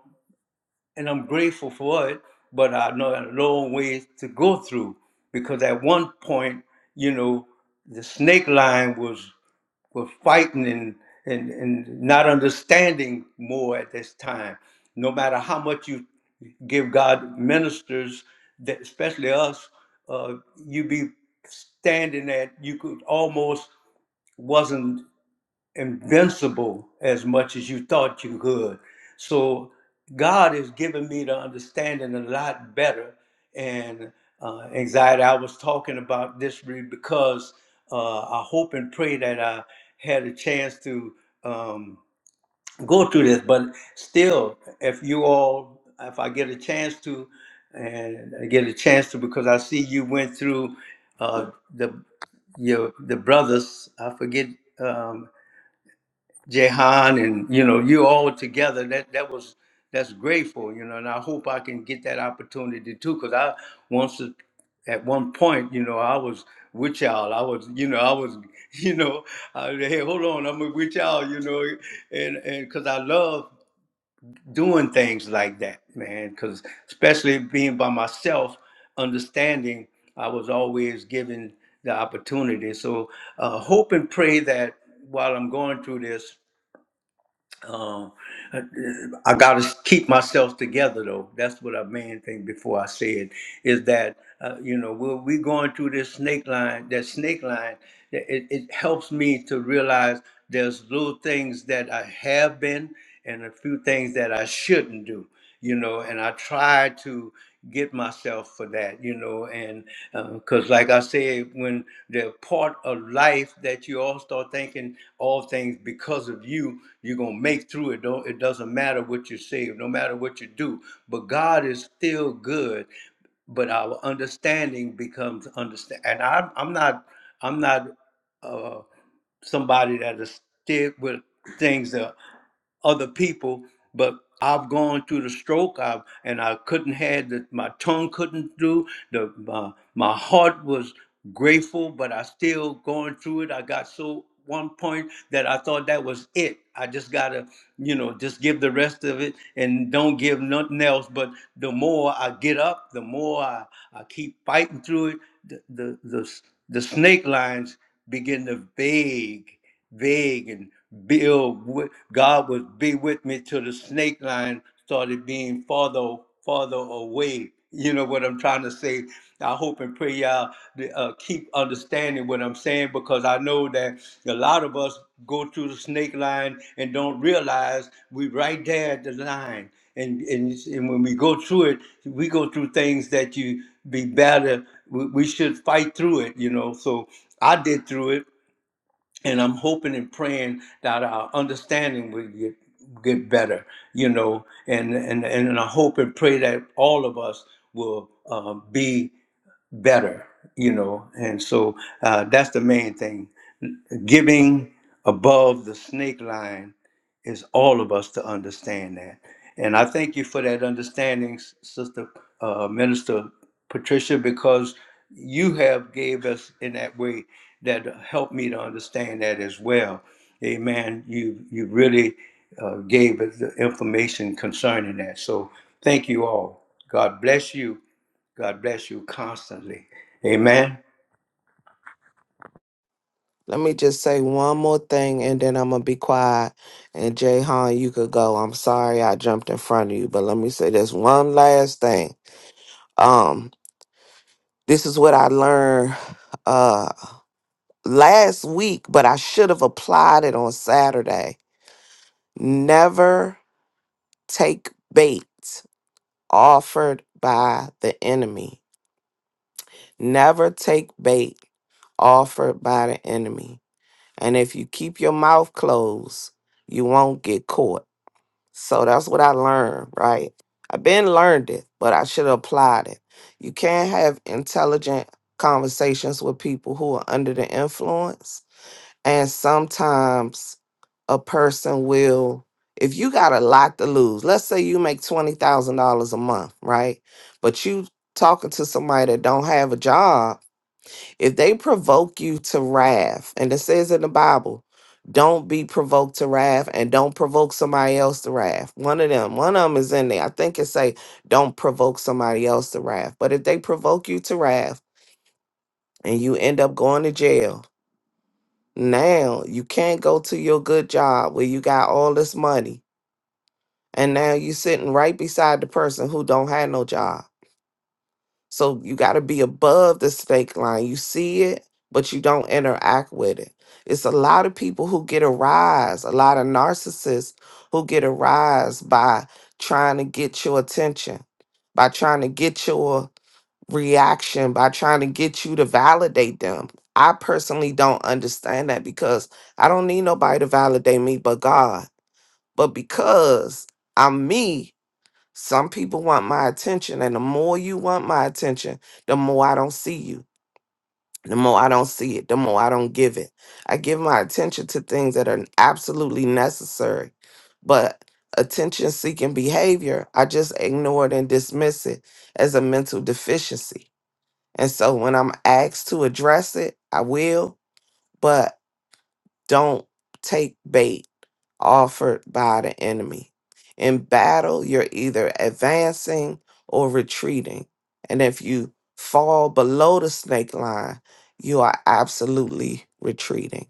A: and I'm grateful for it, but I know a long ways to go through because at one point, you know, the snake line was was fighting and, and, and not understanding more at this time. No matter how much you give God ministers, that especially us, uh, you be standing at you could almost wasn't invincible as much as you thought you could. So God has given me the understanding a lot better. And uh, anxiety, I was talking about this really because uh, I hope and pray that I had a chance to um, go through this. But still, if you all, if I get a chance to, and I get a chance to, because I see you went through uh, the your the brothers. I forget. Um, Jehan and you know you all together that that was that's grateful you know and I hope I can get that opportunity too because I once a- at one point you know I was with y'all I was you know I was you know I, was, hey hold on I'm with y'all you know and and because I love doing things like that man because especially being by myself understanding I was always given the opportunity so uh, hope and pray that while I'm going through this um, I, I got to keep myself together, though. That's what I main thing before I say it is that uh, you know we're, we going through this snake line. That snake line, it, it it helps me to realize there's little things that I have been and a few things that I shouldn't do you know, and I try to get myself for that, you know, and because, like I said, when they're part of life that you all start thinking all things because of you, you're gonna make through it. Don't it doesn't matter what you say, no matter what you do, but God is still good but our understanding becomes understand and I, i'm not i'm not uh, somebody that is stiff with things that other people, but I've gone through the stroke. I and I couldn't had the, my tongue couldn't do the my, my heart was grateful, but I still going through it. I got so one point that I thought that was it. I just gotta you know just give the rest of it and don't give nothing else. But the more I get up, the more I, I keep fighting through it. The the the, s- the snake lines begin to vague, vague, and build. God would be with me till the snake line started being farther, farther away. You know what I'm trying to say? I hope and pray y'all uh, keep understanding what I'm saying because I know that a lot of us go through the snake line and don't realize we're right there at the line. And, and, and when we go through it, we go through things that you be better. We, we should fight through it, you know. So I did through it, and I'm hoping and praying that our understanding will get get better, you know. And and and, and I hope and pray that all of us will uh, be better, you know. And so uh, that's the main thing giving above the snake line is all of us to understand that. And I thank you for that understanding, S- Sister uh, Minister Patricia, because you have gave us in that way that helped me to understand that as well. Amen. You you really uh, gave us the information concerning that. So thank you all. God bless you. God bless you constantly. Amen.
D: Let me just say one more thing and then I'm gonna be quiet. And Jay Han, you could go. I'm sorry I jumped in front of you, but let me say this one last thing. Um, this is what I learned uh last week, but I should have applied it on Saturday. Never take bait offered by the enemy. Never take bait offered by the enemy. And if you keep your mouth closed, you won't get caught. So that's what I learned, right? I've been learned it, but I should have applied it. You can't have intelligent conversations with people who are under the influence. And sometimes a person will, if you got a lot to lose, let's say you make $20,000 a month, right? But you talking to somebody that don't have a job if they provoke you to wrath, and it says in the Bible, don't be provoked to wrath and don't provoke somebody else to wrath. One of them, one of them is in there. I think it say don't provoke somebody else to wrath. But if they provoke you to wrath and you end up going to jail, now you can't go to your good job where you got all this money. And now you sitting right beside the person who don't have no job So you got to be above the snake line. You see it, but you don't interact with it. It's a lot of people who get a rise, a lot of narcissists who get a rise by trying to get your attention, by trying to get your reaction, by trying to get you to validate them. I personally don't understand that because I don't need nobody to validate me but God. But because I'm me, some people want my attention, and the more you want my attention, the more I don't see you. The more I don't see it, the more I don't give it. I give my attention to things that are absolutely necessary, but attention seeking behavior, I just ignore it and dismiss it as a mental deficiency. And so when I'm asked to address it, I will, don't take bait offered by the enemy. In battle, you're either advancing or retreating. And if you fall below the snake line, you are absolutely retreating.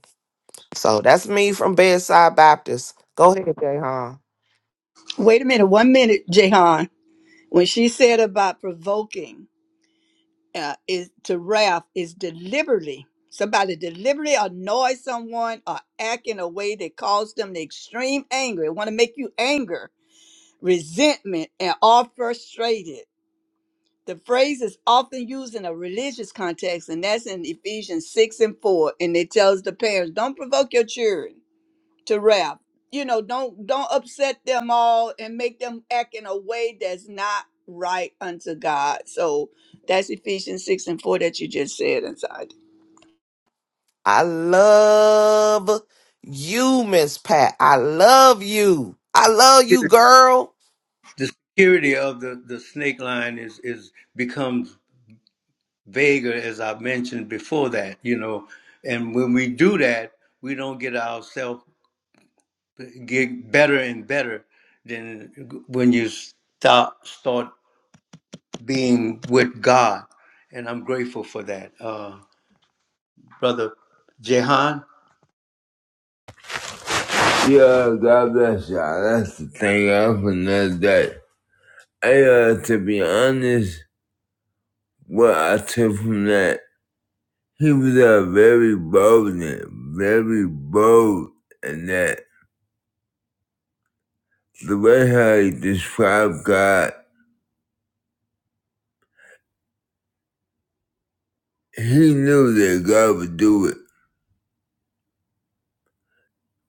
D: So that's me from Bedside Baptist. Go ahead, Jayhan.
C: Wait a minute, one minute, Jehan. When she said about provoking, uh, is to wrath is deliberately somebody deliberately annoy someone or act in a way that causes them the extreme anger it want to make you anger resentment and all frustrated the phrase is often used in a religious context and that's in ephesians 6 and 4 and it tells the parents don't provoke your children to rap. You know, don't don't upset them all and make them act in a way that's not right unto God. So that's Ephesians six and four that you just said inside.
D: I love you, Miss Pat. I love you. I love you, girl.
A: the security of the, the snake line is, is becomes vaguer as I mentioned before that, you know. And when we do that, we don't get ourselves get better and better than when you start start being with God. And I'm grateful for that. Uh, brother Jehan.
B: Yeah, God bless y'all. That's the thing. I'm another day. I, uh, to be honest, what I took from that, he was uh, very bold and very bold, and that the way how he described God, he knew that God would do it.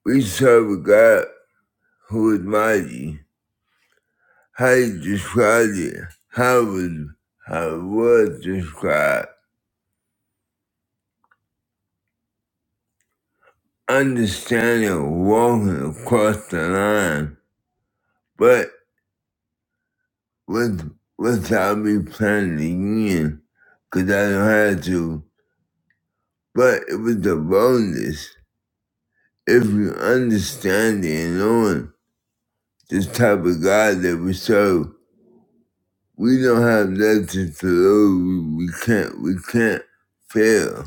B: We serve a God who is mighty. How he described it, how it was, how it was described, understanding walking across the line, but with without me planning in, cause I don't have to. But it was the boldness. If you understand it and knowing this type of God that we serve, we don't have nothing to lose. We can't we can't fail.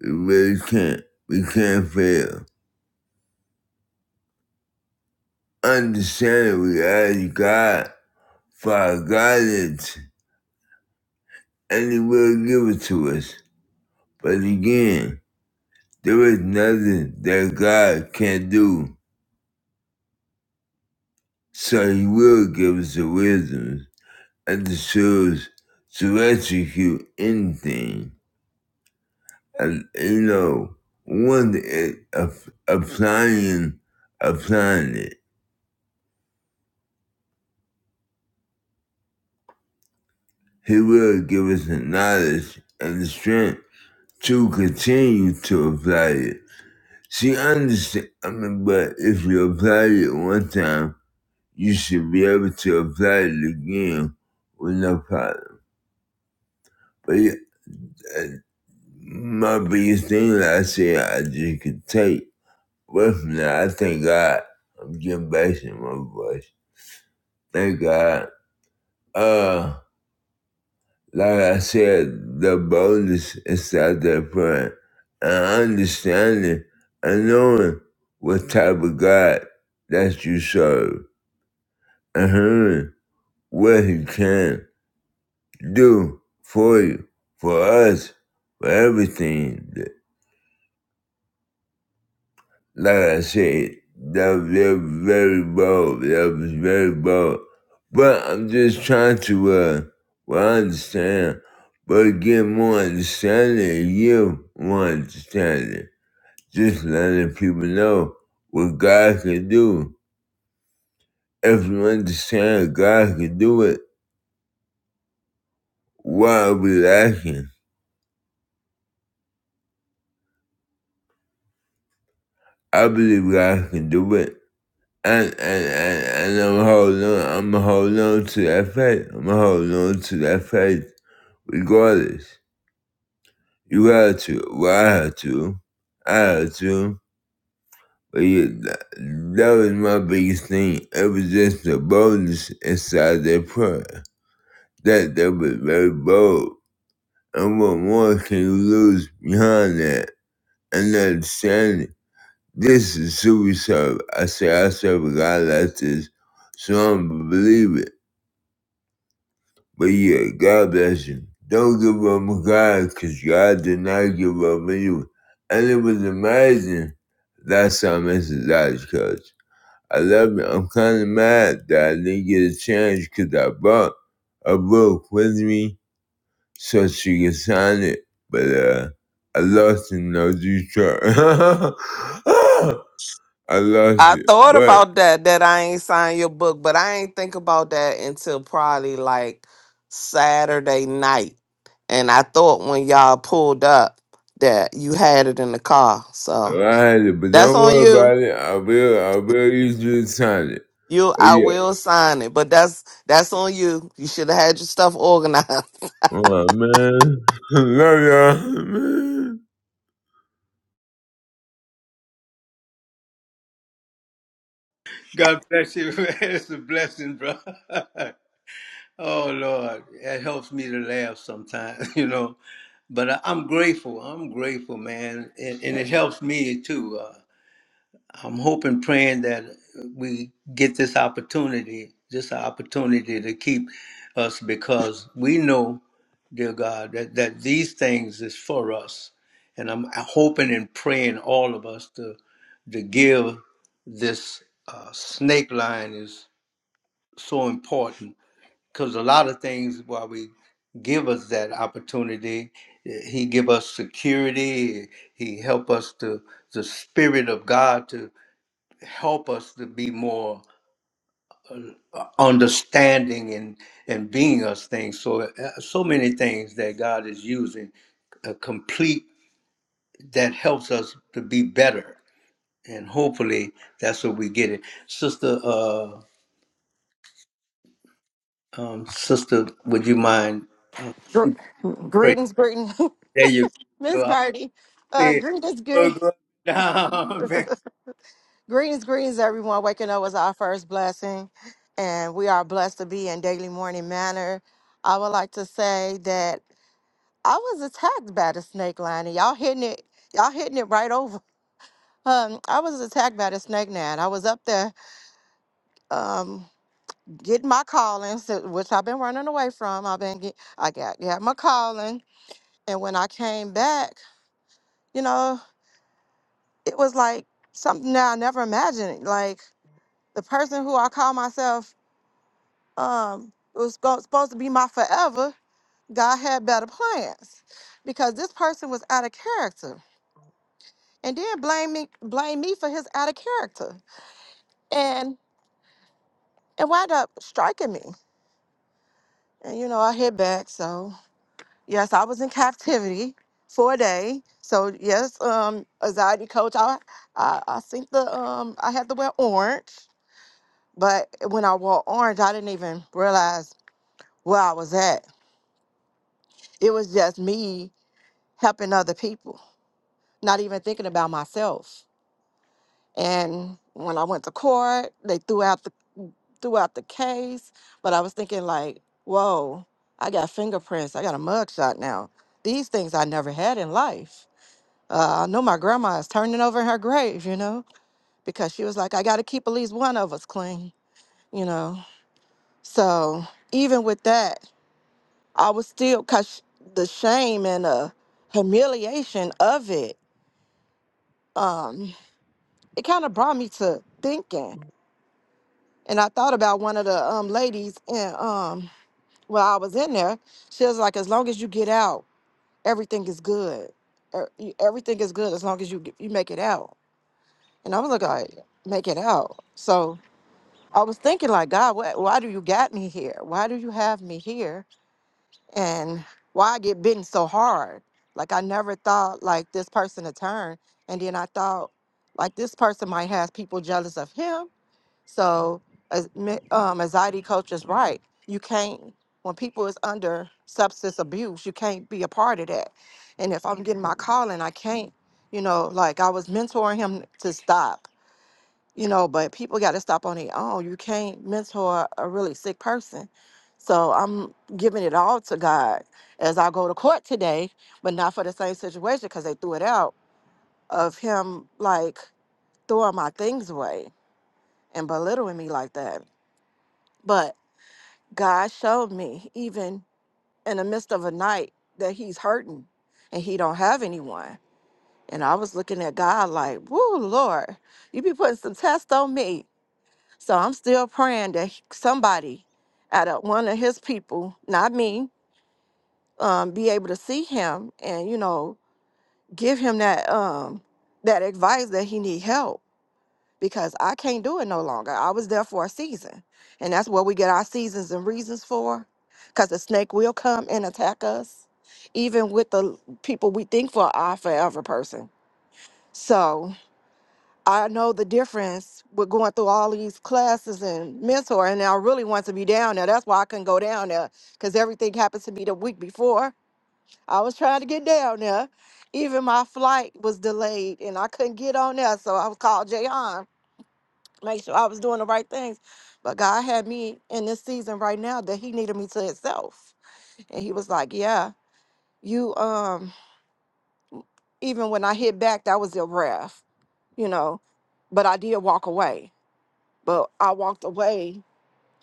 B: We really can't. We can't fail. Understand we ask God for our guidance and he will give it to us. But again, There is nothing that God can't do, so He will give us the wisdom and the tools to execute anything. And, you know, one is ap- applying, applying it. He will give us the knowledge and the strength to continue to apply it. See, I understand. I mean, but if you apply it one time, you should be able to apply it again with no problem. But yeah, uh, my biggest thing that I say I just could take away from that, I thank God I'm getting back in my voice. Thank God. Uh, like I said, the boldness is out there front. And understanding and knowing what type of God that you serve and hearing what He can do for you, for us, for everything. like I said, that was, that was very bold. That was very bold. But I'm just trying to, uh, well, I understand, but get more understanding, you more understanding. Just letting people know what God can do. If you understand God can do it, why are we lacking? I believe God can do it. And, and, and, and I'm holding on, I'm holding on to that faith. I'm holding on to that faith Regardless, you had to. Well, I had to. I had to. But yeah, that, that was my biggest thing. It was just the boldness inside that prayer. That that was very bold. And what more can you lose behind that? And understanding this is suicide. I say I serve a God like this, so I'm a believer. But yeah, God bless him. Don't give up on God because God did not give up on you. And it was amazing. That's how Mrs. Dodge coach. I love it. I'm kind of mad that I didn't get a chance because I brought a book with me so she could sign it. But uh, I lost it in no Detroit. I lost
D: I
B: it.
D: thought
B: But
D: about that that I ain't signed your book, but I ain't think about that until probably like Saturday night. And I thought when y'all pulled up that you had it in the car.
B: I
D: So
B: had it. But
D: that's
B: don't
D: on
B: worry
D: you.
B: about it. I will, I will use you to sign it.
D: You
B: But
D: I
B: yeah,
D: will sign it. But that's that's on you. You should have had your stuff organized.
B: I'm like, man, love y'all, man.
A: God bless you. man. It's a blessing, brother. Oh Lord, it helps me to laugh sometimes, you know. But I, I'm grateful. I'm grateful, man, and, and it helps me too. Uh, I'm hoping, praying that we get this opportunity, this opportunity to keep us, because we know, dear God, that that these things is for us, and I'm hoping and praying all of us to to give this uh, snake line is so important because a lot of things while we give us that opportunity eh, he give us security he help us to the spirit of god to help us to be more uh, understanding and and being us things so uh, so many things that god is using a complete that helps us to be better and hopefully that's what we get it sister uh um sister would you mind uh, great
E: greetings, greetings,
A: there you
E: Miss
A: go
E: Birdie. Uh,
A: Say,
E: greetings, gre-
A: "Oh, go down,
E: greetings, greetings, everyone. Waking up was our first blessing, and we are blessed to be in daily morning manner. I would like to say that I was attacked by the snake line, and y'all hitting it, y'all hitting it right over. Um, I was attacked by the snake line. I was up there um, getting my callings, uh, which I've been running away from. I've been get, I got got my calling, and when I came back, you know. it was like something that I never imagined. Like the person who I call myself um was go- supposed to be my forever. God had better plans because this person was out of character, and then blame me blame me for his out of character, and it wound up striking me. And you know I hit back. So yes, I was in captivity for a day. So yes, um, anxiety coach, I I, I think the um I had to wear orange But when I wore orange, I didn't even realize where I was at. It was just me helping other people, not even thinking about myself. And when I went to court, they threw out the threw out the case, but I was thinking like, whoa, I got fingerprints, I got a mugshot now. These things I never had in life. Uh, I know my grandma is turning over in her grave, you know, because she was like, I got to keep at least one of us clean, you know. So even with that, I was still cause the shame and uh humiliation of it. Um, it kind of brought me to thinking, and I thought about one of the um ladies, and um, while I was in there, she was like, "As long as you get out, everything is good. Er- you- Everything is good as long as you get- you make it out." And I was like, "I make it out." So I was thinking, like, God, why, why do you got me here? Why do you have me here? and why I get bitten so hard. Like I never thought like this person to turn, and then I thought like this person might have people jealous of him. So as mi- um, anxiety coach is right. You can't when people is under substance abuse, you can't be a part of that. And if I'm getting my calling, I can't. You know, like I was mentoring him to stop you know, but people got to stop on their own. You can't mentor a really sick person. So I'm giving it all to God as I go to court today, but not for the same situation because they threw it out of him like throwing my things away and belittling me like that. But God showed me even in the midst of a night that he's hurting and he don't have anyone. And I was looking at God like, woo, Lord, you be putting some tests on me So I'm still praying that he- somebody out of one of his people, not me, um, be able to see him and, you know, give him that um that advice that he need help because I can't do it no longer. I was there for a season. And that's what we get our seasons and reasons for. Cause the snake will come and attack us, even with the people we think for our forever person. So I know the difference with going through all these classes and mentor, and I really want to be down there. That's why I couldn't go down there because everything happened to me the week before. I was trying to get down there. Even my flight was delayed and I couldn't get on there. So I was called Jayon, make sure I was doing the right things. But God had me in this season right now that He needed me to Himself. And He was like, Yeah, you, um, even when I hit back, that was a breath, you know, but I did walk away but I walked away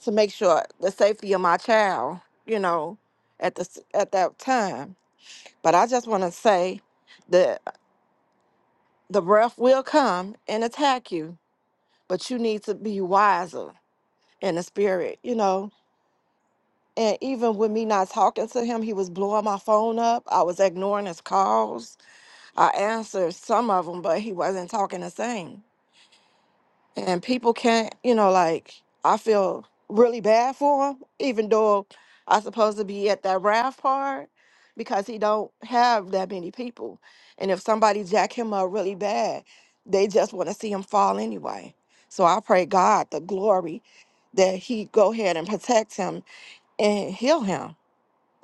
E: to make sure the safety of my child, you know, at the s- at that time. But I just want to say that the breath will come and attack you, but you need to be wiser in the spirit, you know. And even with me not talking to him, he was blowing my phone up. I was ignoring his calls. I answered some of them, but he wasn't talking the same. and people can't you know like i feel really bad for him even though i supposed to be at that raft part because he don't have that many people and if somebody jack him up really bad they just want to see him fall anyway so i pray god the glory that he go ahead and protect him and heal him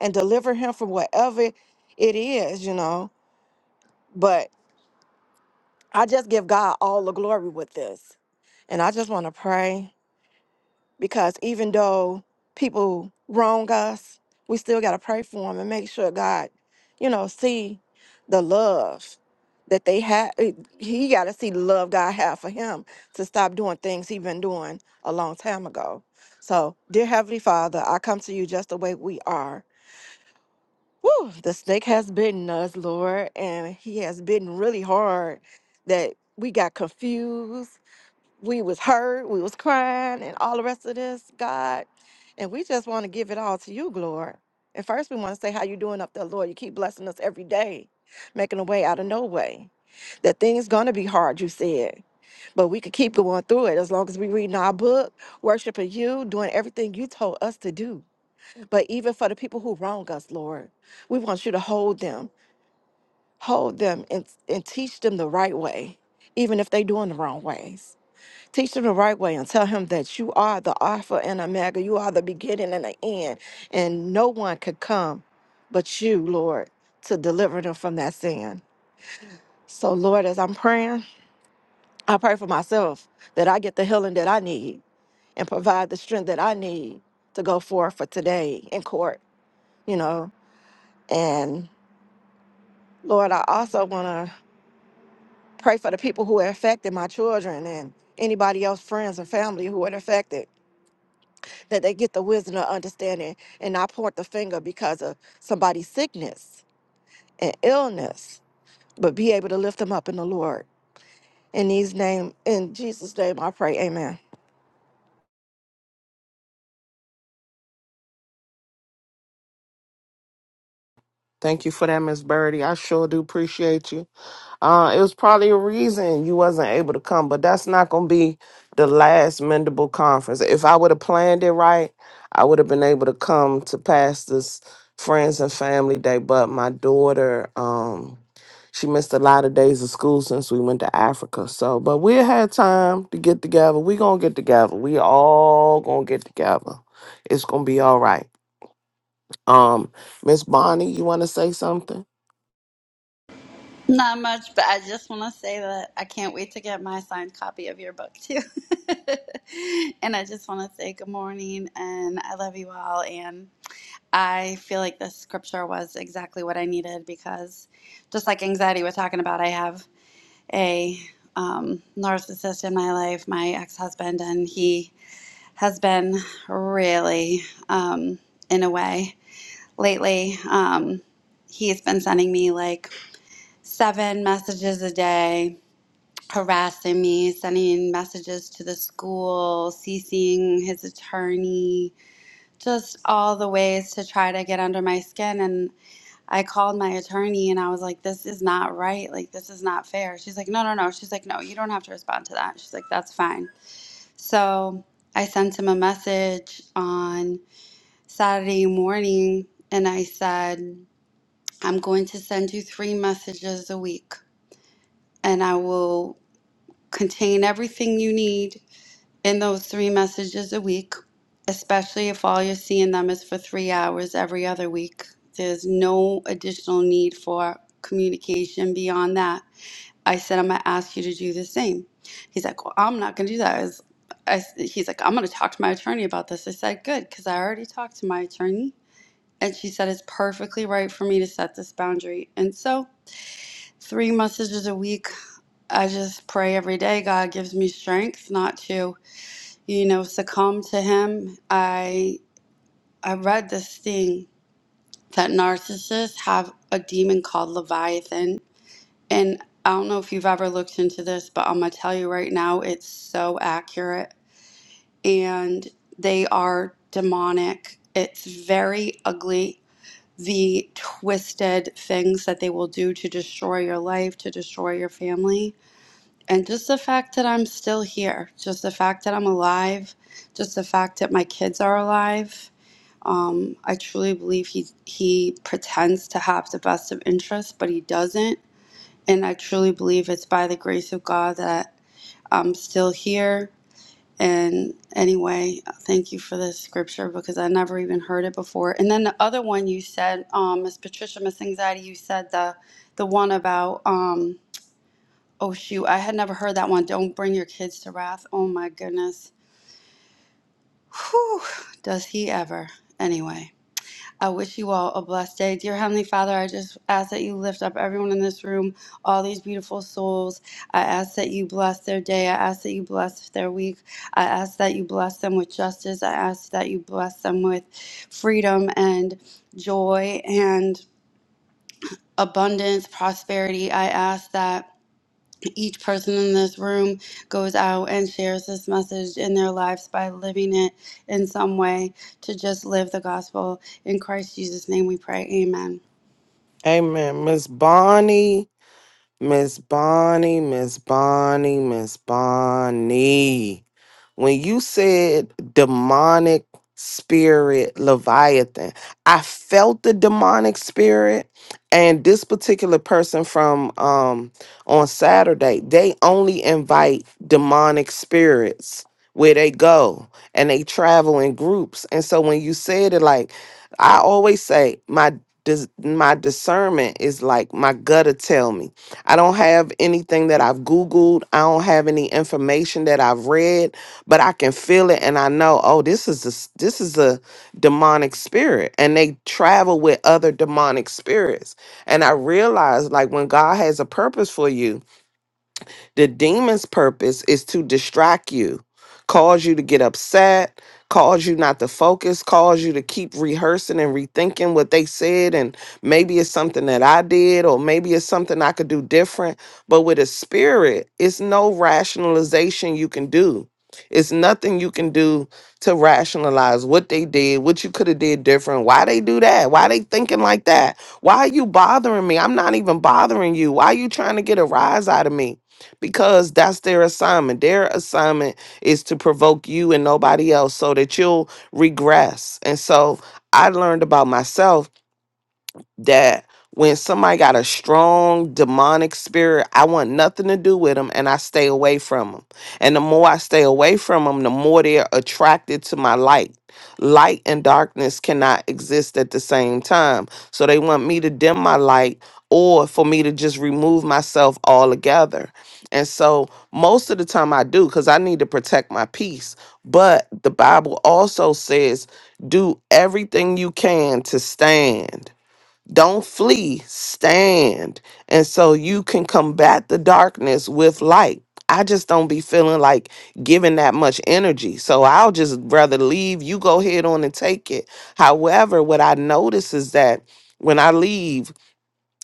E: and deliver him from whatever it is you know but i just give god all the glory with this and i just want to pray because even though people wrong us, we still got to pray for them and make sure God, you know, see the love that they have. He got to see the love God have for him to stop doing things he been doing a long time ago. So, dear Heavenly Father, I come to you just the way we are. Woo, the snake has bitten us, Lord, and he has bitten really hard that we got confused we was hurt, we was crying, and all the rest of this, God. And we just want to give it all to you, Lord. And first, we want to say how you doing up there, Lord. You keep blessing us every day, making a way out of no way. That things gonna be hard, you said, but we could keep going through it as long as we reading our book, worshiping you, doing everything you told us to do. But even for the people who wrong us, Lord, we want you to hold them, hold them, and and teach them the right way, even if they doing the wrong ways. Teach him the right way and tell him that you are the Alpha and Omega. You are the beginning and the end. And no one could come but you, Lord, to deliver them from that sin. So, Lord, as I'm praying, I pray for myself that I get the healing that I need and provide the strength that I need to go forth for today in court, you know. And Lord, I also want to pray for the people who are affected, my children and anybody else, friends and family who are affected. that they get the wisdom of understanding and not point the finger because of somebody's sickness and illness, but be able to lift them up in the Lord. In these name, in Jesus' name, I pray. Amen.
D: Thank you for that, Miss Birdie. I sure do appreciate you. Uh, it was probably a reason you wasn't able to come, but that's not gonna be the last mendable conference. If I would have planned it right, I would have been able to come to Pastor's friends and family day. But my daughter, um, she missed a lot of days of school since we went to Africa. So, but we had time to get together. We gonna get together. We all gonna get together. It's gonna be all right. Um, Miss Bonnie, you wanna say something?
F: Not much, but I just want to say that I can't wait to get my signed copy of your book too. and I just want to say good morning and I love you all. And I feel like this scripture was exactly what I needed because just like anxiety we're talking about, I have a um, narcissist in my life, my ex husband, and he has been really um, in a way lately. Um, he's been sending me like, seven messages a day harassing me, sending messages to the school, CCing his attorney, just all the ways to try to get under my skin. And I called my attorney and I was like, this is not right. Like, this is not fair. She's like, no, no, no. She's like, no, you don't have to respond to that. She's like, that's fine. So I sent him a message on Saturday morning and I said, I'm going to send you three messages a week and I will contain everything you need in those three messages a week, especially if all you're seeing them is for three hours every other week. There's no additional need for communication beyond that. I said, I'm going to ask you to do the same. He's like, Well, I'm not going to do that. I was- I s- he's like, I'm going to talk to my attorney about this. I said, Good, because I already talked to my attorney. And she said, It's perfectly right for me to set this boundary. And so, three messages a week I just pray every day God gives me strength not to, you know, succumb to him. I I read this thing that narcissists have a demon called Leviathan. And I don't know if you've ever looked into this, but I'm gonna tell you right now, it's so accurate. And they are demonic. It's very ugly. The twisted things that they will do to destroy your life, to destroy your family And just the fact that I'm still here, just the fact that I'm alive, just the fact that my kids are alive, um, I truly believe he he pretends to have the best of interests, but he doesn't. And I truly believe it's by the grace of God that I'm still here. And anyway, thank you for this scripture because I never even heard it before. And then the other one you said, um, Miss Patricia, Miss Anxiety, you said the the one about. Um, Oh shoot, I had never heard that one. Don't bring your kids to wrath. Oh my goodness. Whew, does he ever. Anyway, I wish you all a blessed day. Dear Heavenly Father, I just ask that you lift up everyone in this room, all these beautiful souls. I ask that you bless their day. I ask that you bless their week. I ask that you bless them with justice. I ask that you bless them with freedom and joy and abundance, prosperity. I ask that. each person in this room goes out and shares this message in their lives by living it in some way to just live the gospel. In Christ Jesus' name we pray. Amen.
D: Amen, Miss Bonnie. Miss Bonnie, Miss Bonnie, Miss Bonnie. When you said demonic spirit Leviathan, I felt the demonic spirit. And this particular person from um on Saturday, they only invite demonic spirits where they go and they travel in groups. And so when you said it like I always say my dis- my discernment is like my gutter tell me I don't have anything that I've Googled. I don't have any information that I've read, but I can feel it and I know, oh, this is a, s- this is a demonic spirit. And they travel with other demonic spirits. And I realize like when God has a purpose for you, the demon's purpose is to distract you, cause you to get upset, cause you not to focus, cause you to keep rehearsing and rethinking what they said. And maybe it's something that I did, or maybe it's something I could do different. But with a spirit, it's no rationalization you can do. It's nothing you can do to rationalize what they did, what you could have did different, why they do that, why they thinking like that, why are you bothering me? I'm not even bothering you. Why are you trying to get a rise out of me? because that's their assignment. Their assignment is to provoke you and nobody else so that you'll regress. And so I learned about myself that when somebody got a strong demonic spirit, I want nothing to do with them and I stay away from them. And the more I stay away from them, the more they're attracted to my light. Light and darkness cannot exist at the same time. So they want me to dim my light or for me to just remove myself altogether. And so most of the time I do because I need to protect my peace. But the Bible also says, do everything you can to stand don't flee, stand. And so you can combat the darkness with light. I just don't be feeling like giving that much energy. So I'll just rather leave. You go ahead on and take it. However, what I notice is that when I leave,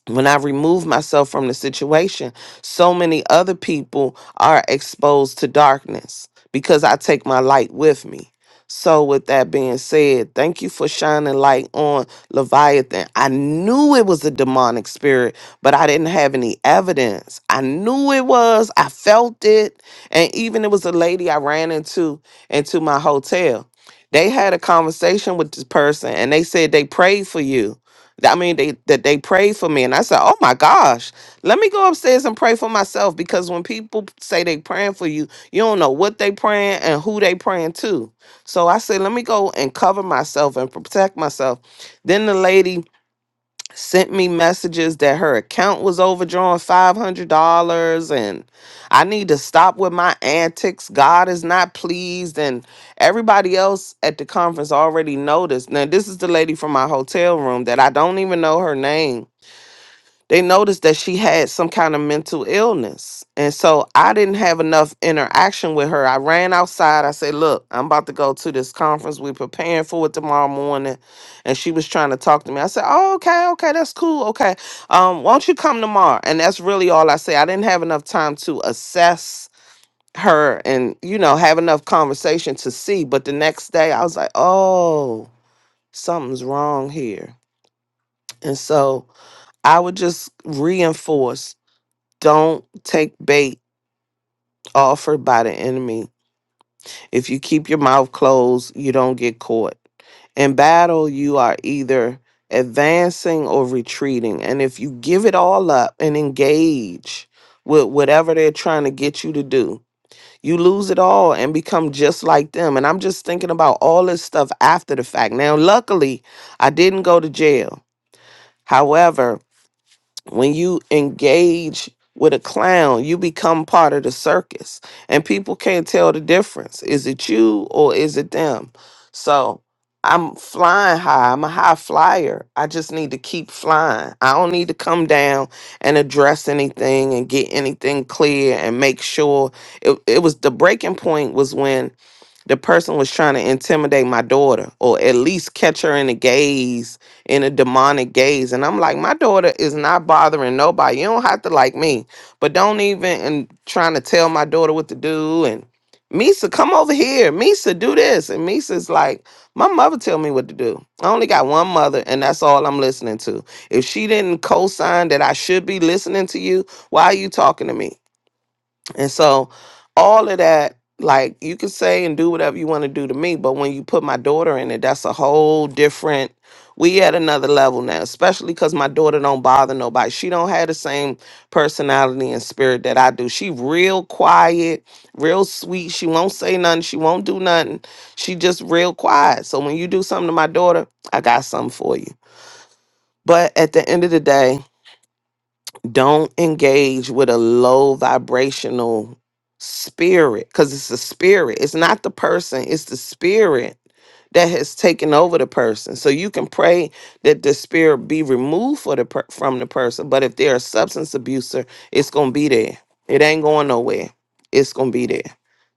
D: when I remove myself from the situation, so many other people are exposed to darkness because I take my light with me. So, with that being said, thank you for shining light on Leviathan. I knew it was a demonic spirit, but I didn't have any evidence. I knew it was, I felt it. And even it was a lady I ran into into my hotel. They had a conversation with this person and they said they prayed for you I mean, they that they prayed for me, and I said, "Oh my gosh, let me go upstairs and pray for myself." Because when people say they praying for you, you don't know what they praying and who they praying to. So I said, "Let me go and cover myself and protect myself." Then the lady sent me messages that her account was overdrawn $500 and I need to stop with my antics. God is not pleased. And everybody else at the conference already noticed. Now, this is the lady from my hotel room that I don't even know her name they noticed that she had some kind of mental illness. And so I didn't have enough interaction with her. I ran outside. I said, Look, I'm about to go to this conference. We're preparing for it tomorrow morning. And she was trying to talk to me. I said, Oh, okay, okay, that's cool. Okay. Um, won't you come tomorrow? And that's really all I say. I didn't have enough time to assess her and, you know, have enough conversation to see. But the next day I was like, Oh, something's wrong here. And so I would just reinforce don't take bait offered by the enemy. If you keep your mouth closed, you don't get caught. In battle, you are either advancing or retreating. And if you give it all up and engage with whatever they're trying to get you to do, you lose it all and become just like them. And I'm just thinking about all this stuff after the fact. Now, luckily, I didn't go to jail. However, when you engage with a clown, you become part of the circus, and people can't tell the difference. Is it you or is it them? So I'm flying high. I'm a high flyer. I just need to keep flying. I don't need to come down and address anything and get anything clear and make sure it, it was the breaking point was when the person was trying to intimidate my daughter or at least catch her in a gaze in a demonic gaze and i'm like my daughter is not bothering nobody you don't have to like me but don't even and trying to tell my daughter what to do and misa come over here misa do this and misa's like my mother tell me what to do i only got one mother and that's all i'm listening to if she didn't co-sign that i should be listening to you why are you talking to me and so all of that, like you can say and do whatever you want to do to me, but when you put my daughter in it, that's a whole different we at another level now, especially because my daughter don't bother nobody. She don't have the same personality and spirit that I do. She real quiet, real sweet. She won't say nothing. She won't do nothing. She just real quiet. So when you do something to my daughter, I got something for you. But at the end of the day, don't engage with a low vibrational spirit because it's the spirit. It's not the person, it's the spirit that has taken over the person. So you can pray that the spirit be removed for the per- from the person, but if they're a substance abuser, it's going to be there. It ain't going nowhere. It's going to be there.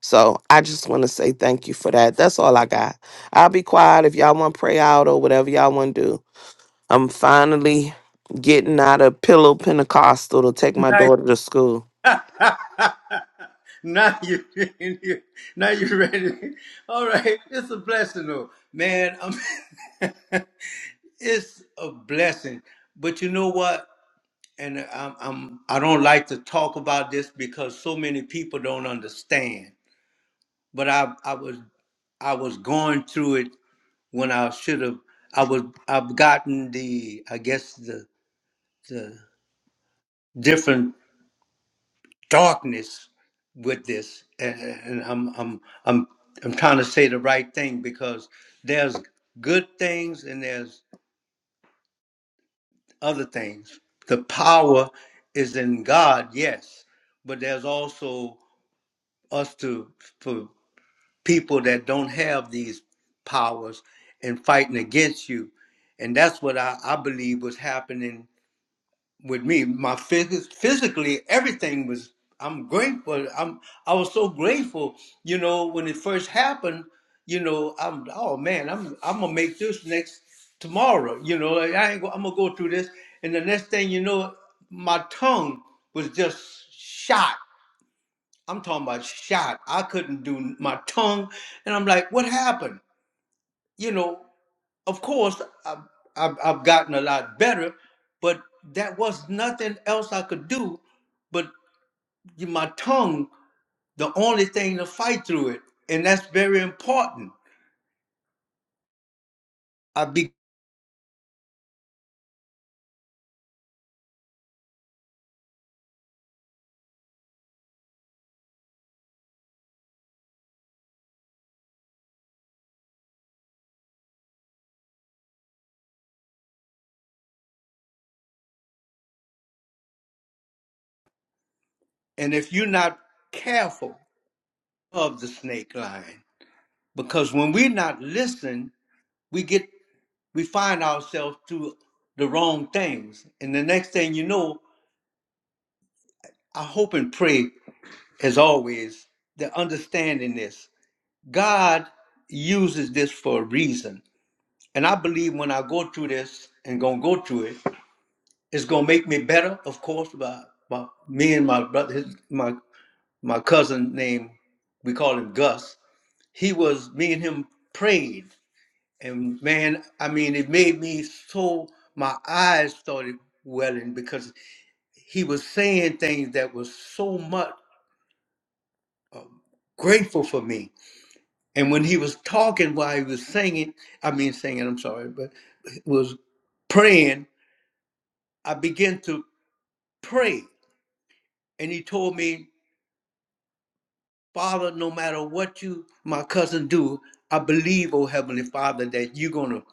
D: So I just want to say thank you for that. That's all I got. I'll be quiet if y'all want to pray out or whatever y'all want to do. I'm finally getting out of Pillow Pentecostal to take my
A: man.
D: daughter to school.
A: Now, you, now you, you, now you ready. All right, it's a blessing, though, man. I'm, it's a blessing, but you know what? And I'm, I'm, I don't like to talk about this because so many people don't understand. But I, I was, I was going through it when I should have. I was, I've gotten the, I guess the, the different darkness with this and, and I'm, I'm i'm i'm trying to say the right thing because there's good things and there's other things the power is in god yes but there's also us to for people that don't have these powers and fighting against you and that's what i, I believe was happening with me. My phys- physically, everything was. I'm grateful. I'm. I was so grateful. You know, when it first happened, you know, I'm. Oh man, I'm. I'm gonna make this next tomorrow. You know, like, I ain't. Go, I'm gonna go through this, and the next thing you know, my tongue was just shot. I'm talking about shot. I couldn't do my tongue, and I'm like, what happened? You know, of course, I've, I've, I've gotten a lot better, but that was nothing else I could do. But my tongue, the only thing to fight through it, and that's very important. I be, and if you're not careful of the snake line, because when we're not listening, we get we find ourselves through the wrong things, and the next thing you know, I hope and pray, as always, that understanding this. God uses this for a reason. And I believe when I go through this and gonna go through it, it's gonna make me better, of course, by, by me and my brother his, my my cousin named we call him Gus. He was me and him prayed. And man, I mean it made me so my eyes started welling because he was saying things that was so much grateful for me And when he was talking while he was singing, I mean singing, I'm sorry, but was praying, I began to pray. And he told me, Father, no matter what you, my cousin, do, I believe, oh Heavenly Father, that you're going to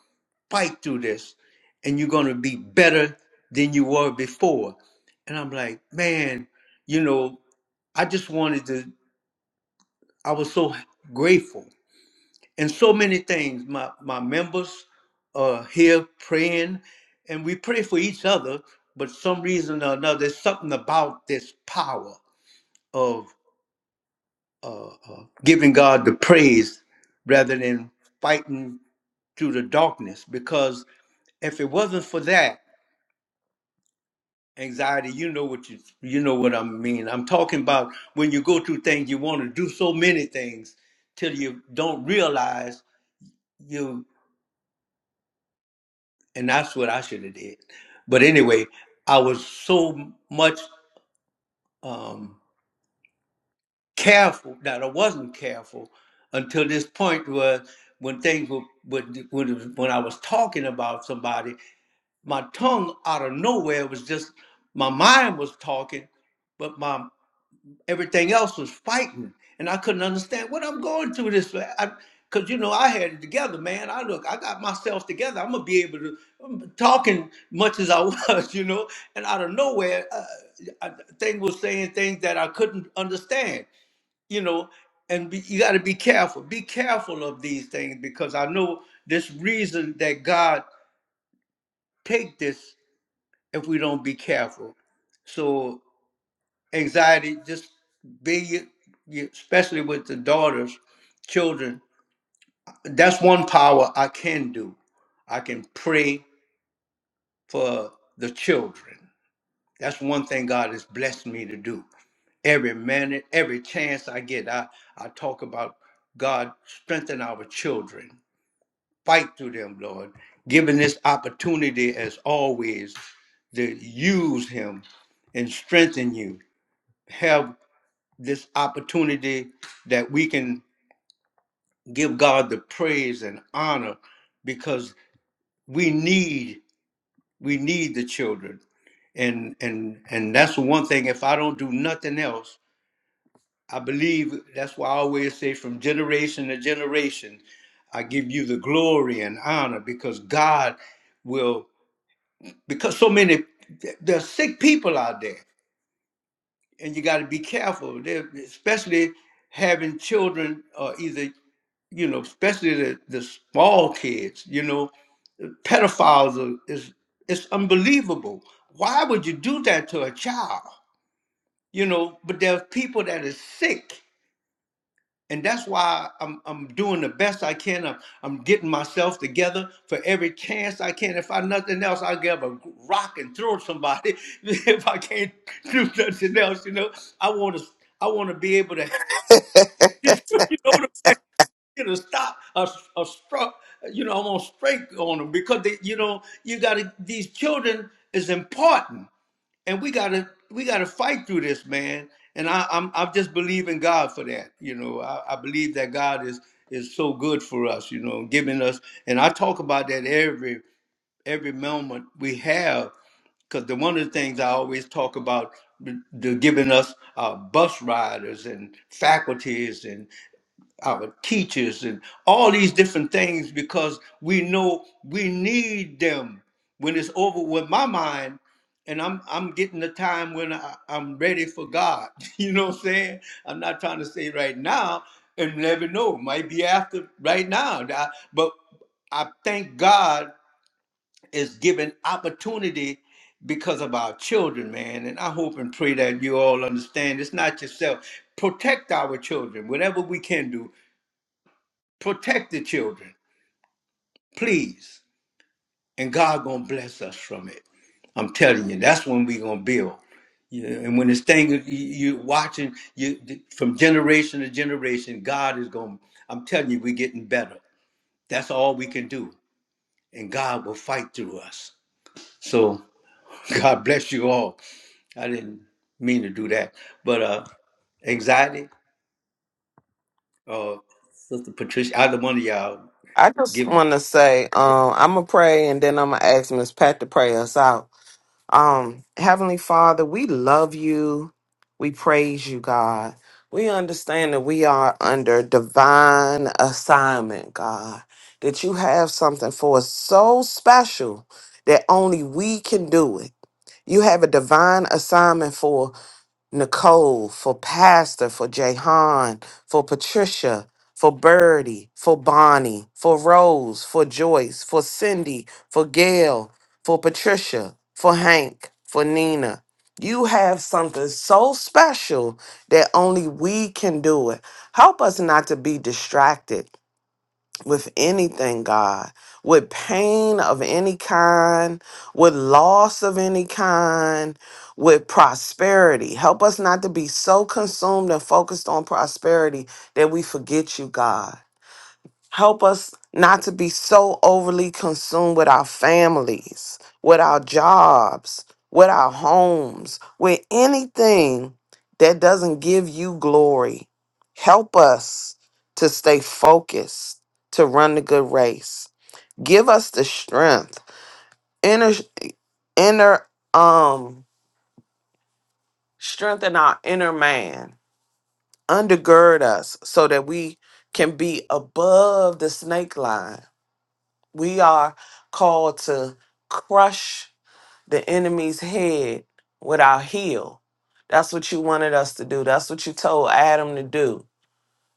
A: fight through this and you're going to be better than you were before. And I'm like, man, you know, I just wanted to, I was so grateful and so many things. My my members are here praying, and we pray for each other. But some reason or another, there's something about this power of uh, uh, giving God the praise rather than fighting through the darkness. Because if it wasn't for that anxiety, you know what you you know what I mean. I'm talking about when you go through things, you want to do so many things till you don't realize you. and that's what I should have did. But anyway, I was so much um, careful that I wasn't careful until this point where when things were when when, it was- when I was talking about somebody, my tongue out of nowhere was just my mind was talking, but my Everything else was fighting, and I couldn't understand what I'm going through this. Because, you know, I had it together, man. I look, I got myself together. I'm going to be able to, I'm talking much as I was, you know, and out of nowhere, uh, I, thing was saying things that I couldn't understand, you know, and be, you got to be careful. Be careful of these things because I know this reason that God take this if we don't be careful. So anxiety just be especially with the daughters children that's one power i can do i can pray for the children that's one thing god has blessed me to do every minute every chance i get i i talk about god strengthen our children fight through them lord giving this opportunity as always to use him and strengthen you Have this opportunity that we can give God the praise and honor because we need we need the children and and and that's the one thing if I don't do nothing else I believe that's why I always say from generation to generation I give you the glory and honor because God will because so many there's sick people out there and you got to be careful, They're- especially having children, or uh, either you know, especially the, the small kids. You know, pedophiles are, is it's unbelievable. Why would you do that to a child? You know, but there are people that are sick and that's why I'm I'm doing the best I can. I'm, I'm getting myself together for every chance I can. If I nothing else, I'll give a rock and throw somebody. if I can't do nothing else, you know, I want to I want to be able to you know to be able to stop a a struck. You know, I am gonna strike on them because they, you know you got to these children is important and we gotta we gotta fight through this, man. And I, I'm I'm just believing God for that. You know, I, I believe that God is is so good for us. You know, giving us. And I talk about that every every moment we have, because the one of the things I always talk about the, the giving us uh, bus riders and faculties our teachers and all these different things because we know we need them when it's over with my mind and I'm I'm getting the time when I, I'm ready for God. You know what I'm saying? I'm not trying to say right now and never know. Might be after right now. I- But I thank God is giving opportunity because of our children, man. And I hope and pray that you all understand it's not yourself. Protect our children, whatever we can do protect the children, please. And God gonna bless us from it. I'm telling you, that's when we gonna build. You know, and when this thing you, you watching you from generation to generation, God is gonna. I'm telling you, we're getting better. That's all we can do, and God will fight through us. So God bless you all. I didn't mean to do that, but uh, anxiety, uh, Sister Patricia, either one of y'all
D: I just
A: give
D: want to say, um, I'm gonna pray and then I'm gonna ask Miss Pat to pray us out. Um, Heavenly Father, we love you. We praise you, God. We understand that we are under divine assignment, God. That you have something for us so special that only we can do it. You have a divine assignment for Nicole, for Pastor, for Jahan, for Patricia, for Birdie, for Bonnie, for Rose, for Joyce, for Cindy, for Gail, for Patricia, for Hank, for Nina. You have something so special that only we can do it. Help us not to be distracted with anything, God, with pain of any kind, with loss of any kind, with prosperity. Help us not to be so consumed and focused on prosperity that we forget you, God. Help us not to be so overly consumed with our families, with our jobs, with our homes, with anything that doesn't give you glory. Help us to stay focused, to run the good race. Give us the strength, inner inner um strengthen our inner man. Undergird us so that we can be above the snake line We are called to crush the enemy's head with our heel. That's what you wanted us to do. That's what you told Adam to do.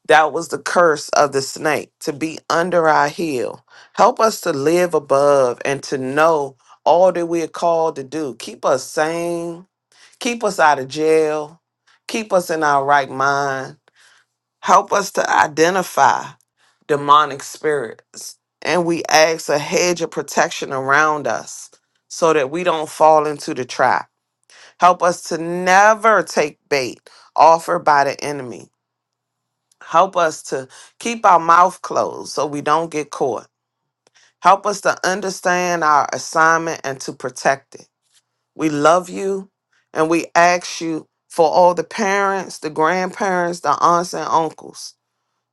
D: That was the curse of the snake to be under our heel. Help us to live above and to know all that we are called to do. Keep us sane. Keep us out of jail. Keep us in our right mind Help us to identify demonic spirits. And we ask a hedge of protection around us so that we don't fall into the trap. Help us to never take bait offered by the enemy. Help us to keep our mouth closed so we don't get caught. Help us to understand our assignment and to protect it. We love you and we ask you for all the parents, the grandparents, the aunts and uncles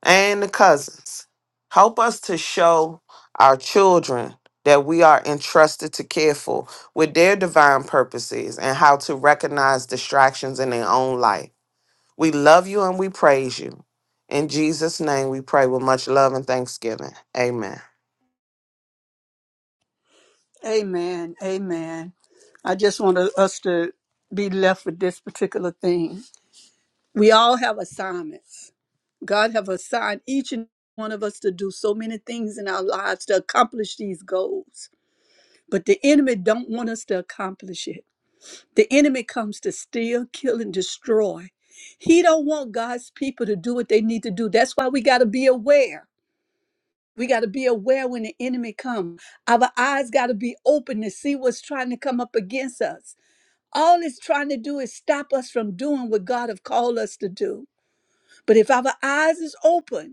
D: and the cousins. Help us to show our children that we are entrusted to care for with their divine purposes and how to recognize distractions in their own life. We love you and we praise you. In Jesus' name we pray with much love and thanksgiving. Amen.
C: Amen. Amen. I just want us to be left with this particular thing. We all have assignments. God have assigned each and one of us to do so many things in our lives to accomplish these goals. But the enemy don't want us to accomplish it. The enemy comes to steal, kill, and destroy. He don't want God's people to do what they need to do. That's why we got to be aware. We got to be aware when the enemy comes. Our eyes got to be open to see what's trying to come up against us. All it's trying to do is stop us from doing what God have called us to do. But if our eyes is open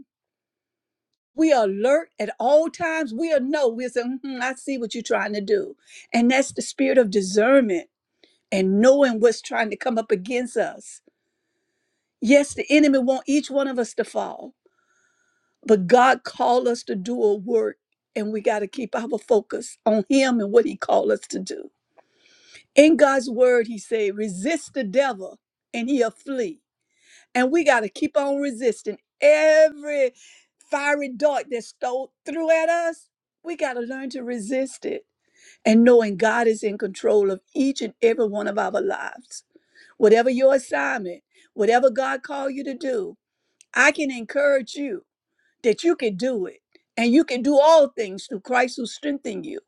C: We are alert at all times. We are know. We say, "Mhm, I see what you're trying to do. And that's the spirit of discernment and knowing what's trying to come up against us. Yes, the enemy want each one of us to fall, but God called us to do a work and we got to keep our focus on him and what he called us to do. In God's word, he said, resist the devil and he'll flee. And we got to keep on resisting every fiery dart that's stole through at us. We got to learn to resist it and knowing God is in control of each and every one of our lives. Whatever your assignment, whatever God called you to do, I can encourage you that you can do it and you can do all things through Christ who strengthens you.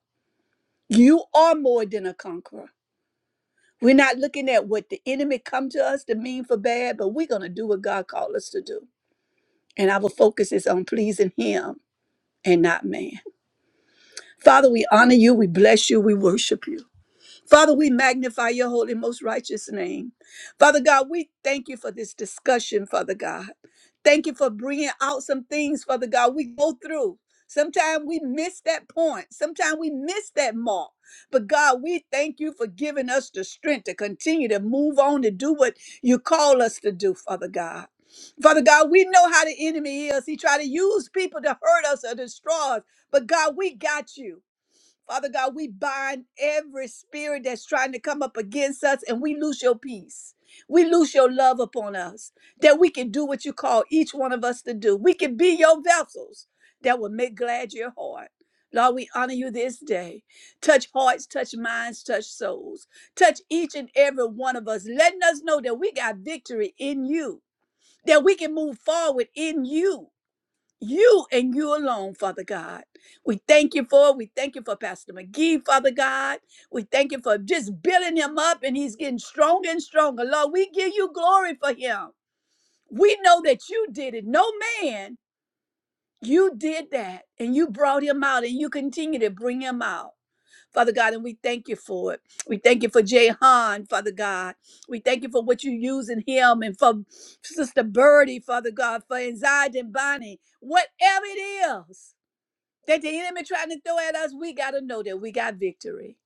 C: You are more than a conqueror. We're not looking at what the enemy come to us to mean for bad, but we're going to do what God called us to do. and our focus is on pleasing him and not man. Father, we honor you, we bless you, we worship you. Father, we magnify your holy, most righteous name. Father God, we thank you for this discussion, Father God. Thank you for bringing out some things, Father God, we go through. Sometimes we miss that point. Sometimes we miss that mark. But God, we thank you for giving us the strength to continue to move on to do what you call us to do, Father God. Father God, we know how the enemy is. He try to use people to hurt us or destroy us. But God, we got you. Father God, we bind every spirit that's trying to come up against us and we lose your peace. We lose your love upon us that we can do what you call each one of us to do. We can be your vessels that will make glad your heart. Lord, we honor you this day. Touch hearts, touch minds, touch souls. Touch each and every one of us, letting us know that we got victory in you, that we can move forward in you you and you alone, Father God. We thank you for it. We thank you for Pastor McGee, Father God. We thank you for just building him up and he's getting stronger and stronger. Lord, we give you glory for him. We know that you did it. No man, you did that and you brought him out and you continue to bring him out. Father God, and we thank you for it. We thank you for Jay Han, Father God. We thank you for what you use in him and for Sister Birdie, Father God, for anxiety and Bonnie, whatever it is that the enemy trying to throw at us, we got to know that we got victory.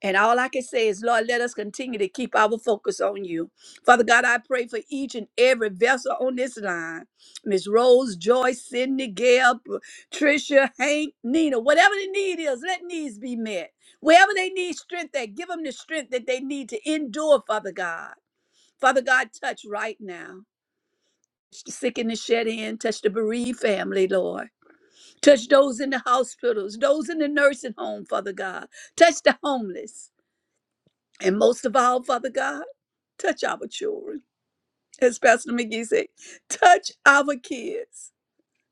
C: And all I can say is, Lord, let us continue to keep our focus on you. Father God, I pray for each and every vessel on this line. Miss Rose, Joyce, Cindy, Gail, Trisha, Hank, Nina, whatever the need is, let needs be met. Wherever they need strength, that give them the strength that they need to endure, Father God. Father God, touch right now. Touch the sick and the shed in, touch the bereaved family, Lord. Touch those in the hospitals, those in the nursing home, Father God. Touch the homeless. And most of all, Father God, touch our children. As Pastor McGee said, touch our kids.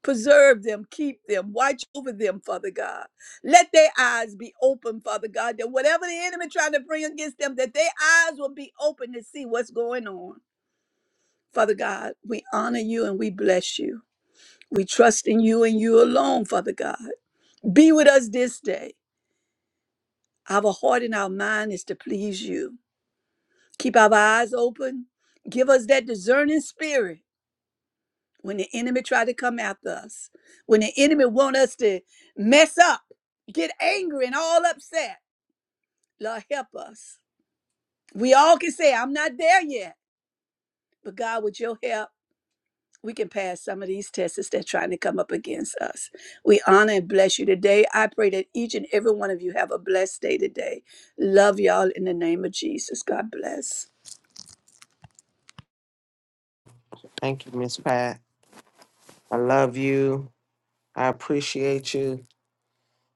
C: Preserve them, keep them, watch over them, Father God. Let their eyes be open, Father God, that whatever the enemy trying to bring against them, that their eyes will be open to see what's going on. Father God, we honor you and we bless you. We trust in you and you alone, Father God. Be with us this day. Our heart and our mind is to please you. Keep our eyes open. Give us that discerning spirit when the enemy try to come after us. When the enemy want us to mess up, get angry and all upset. Lord, help us. We all can say, I'm not there yet. But God, with your help, we can pass some of these tests that are trying to come up against us. We honor and bless you today. I pray that each and every one of you have a blessed day today. Love y'all in the name of Jesus. God bless.
D: Thank you, Miss Pat. I love you. I appreciate you.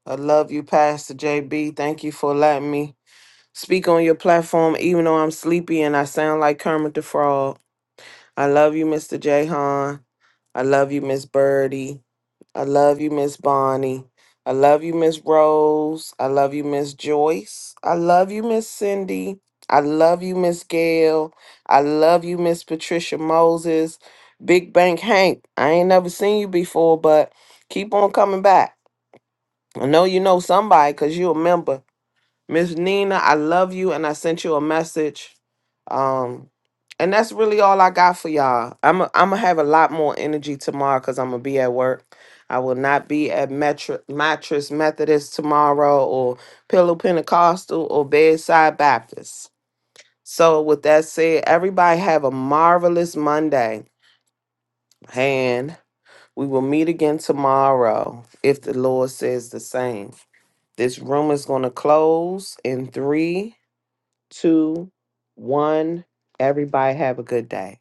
D: I love you, Pastor JB. Thank you for letting me speak on your platform, even though I'm sleepy and I sound like Kermit the Frog. I love you, Mr. Jahan. I love you, Miss Birdie. I love you, Miss Bonnie. I love you, Miss Rose. I love you, Miss Joyce. I love you, Miss Cindy. I love you, Miss Gail. I love you, Miss Patricia Moses. Big Bank Hank. I ain't never seen you before, but keep on coming back. I know you know somebody because you a member. Miss Nina, I love you and I sent you a message. Um and that's really all I got for y'all. I'm i I'm gonna have a lot more energy tomorrow cuz I'm gonna be at work. I will not be at Metro, Mattress Methodist tomorrow or Pillow Pentecostal or Bedside Baptist. So with that said, everybody have a marvelous Monday. And we will meet again tomorrow if the Lord says the same. This room is going to close in three, two, one. Everybody have a good day.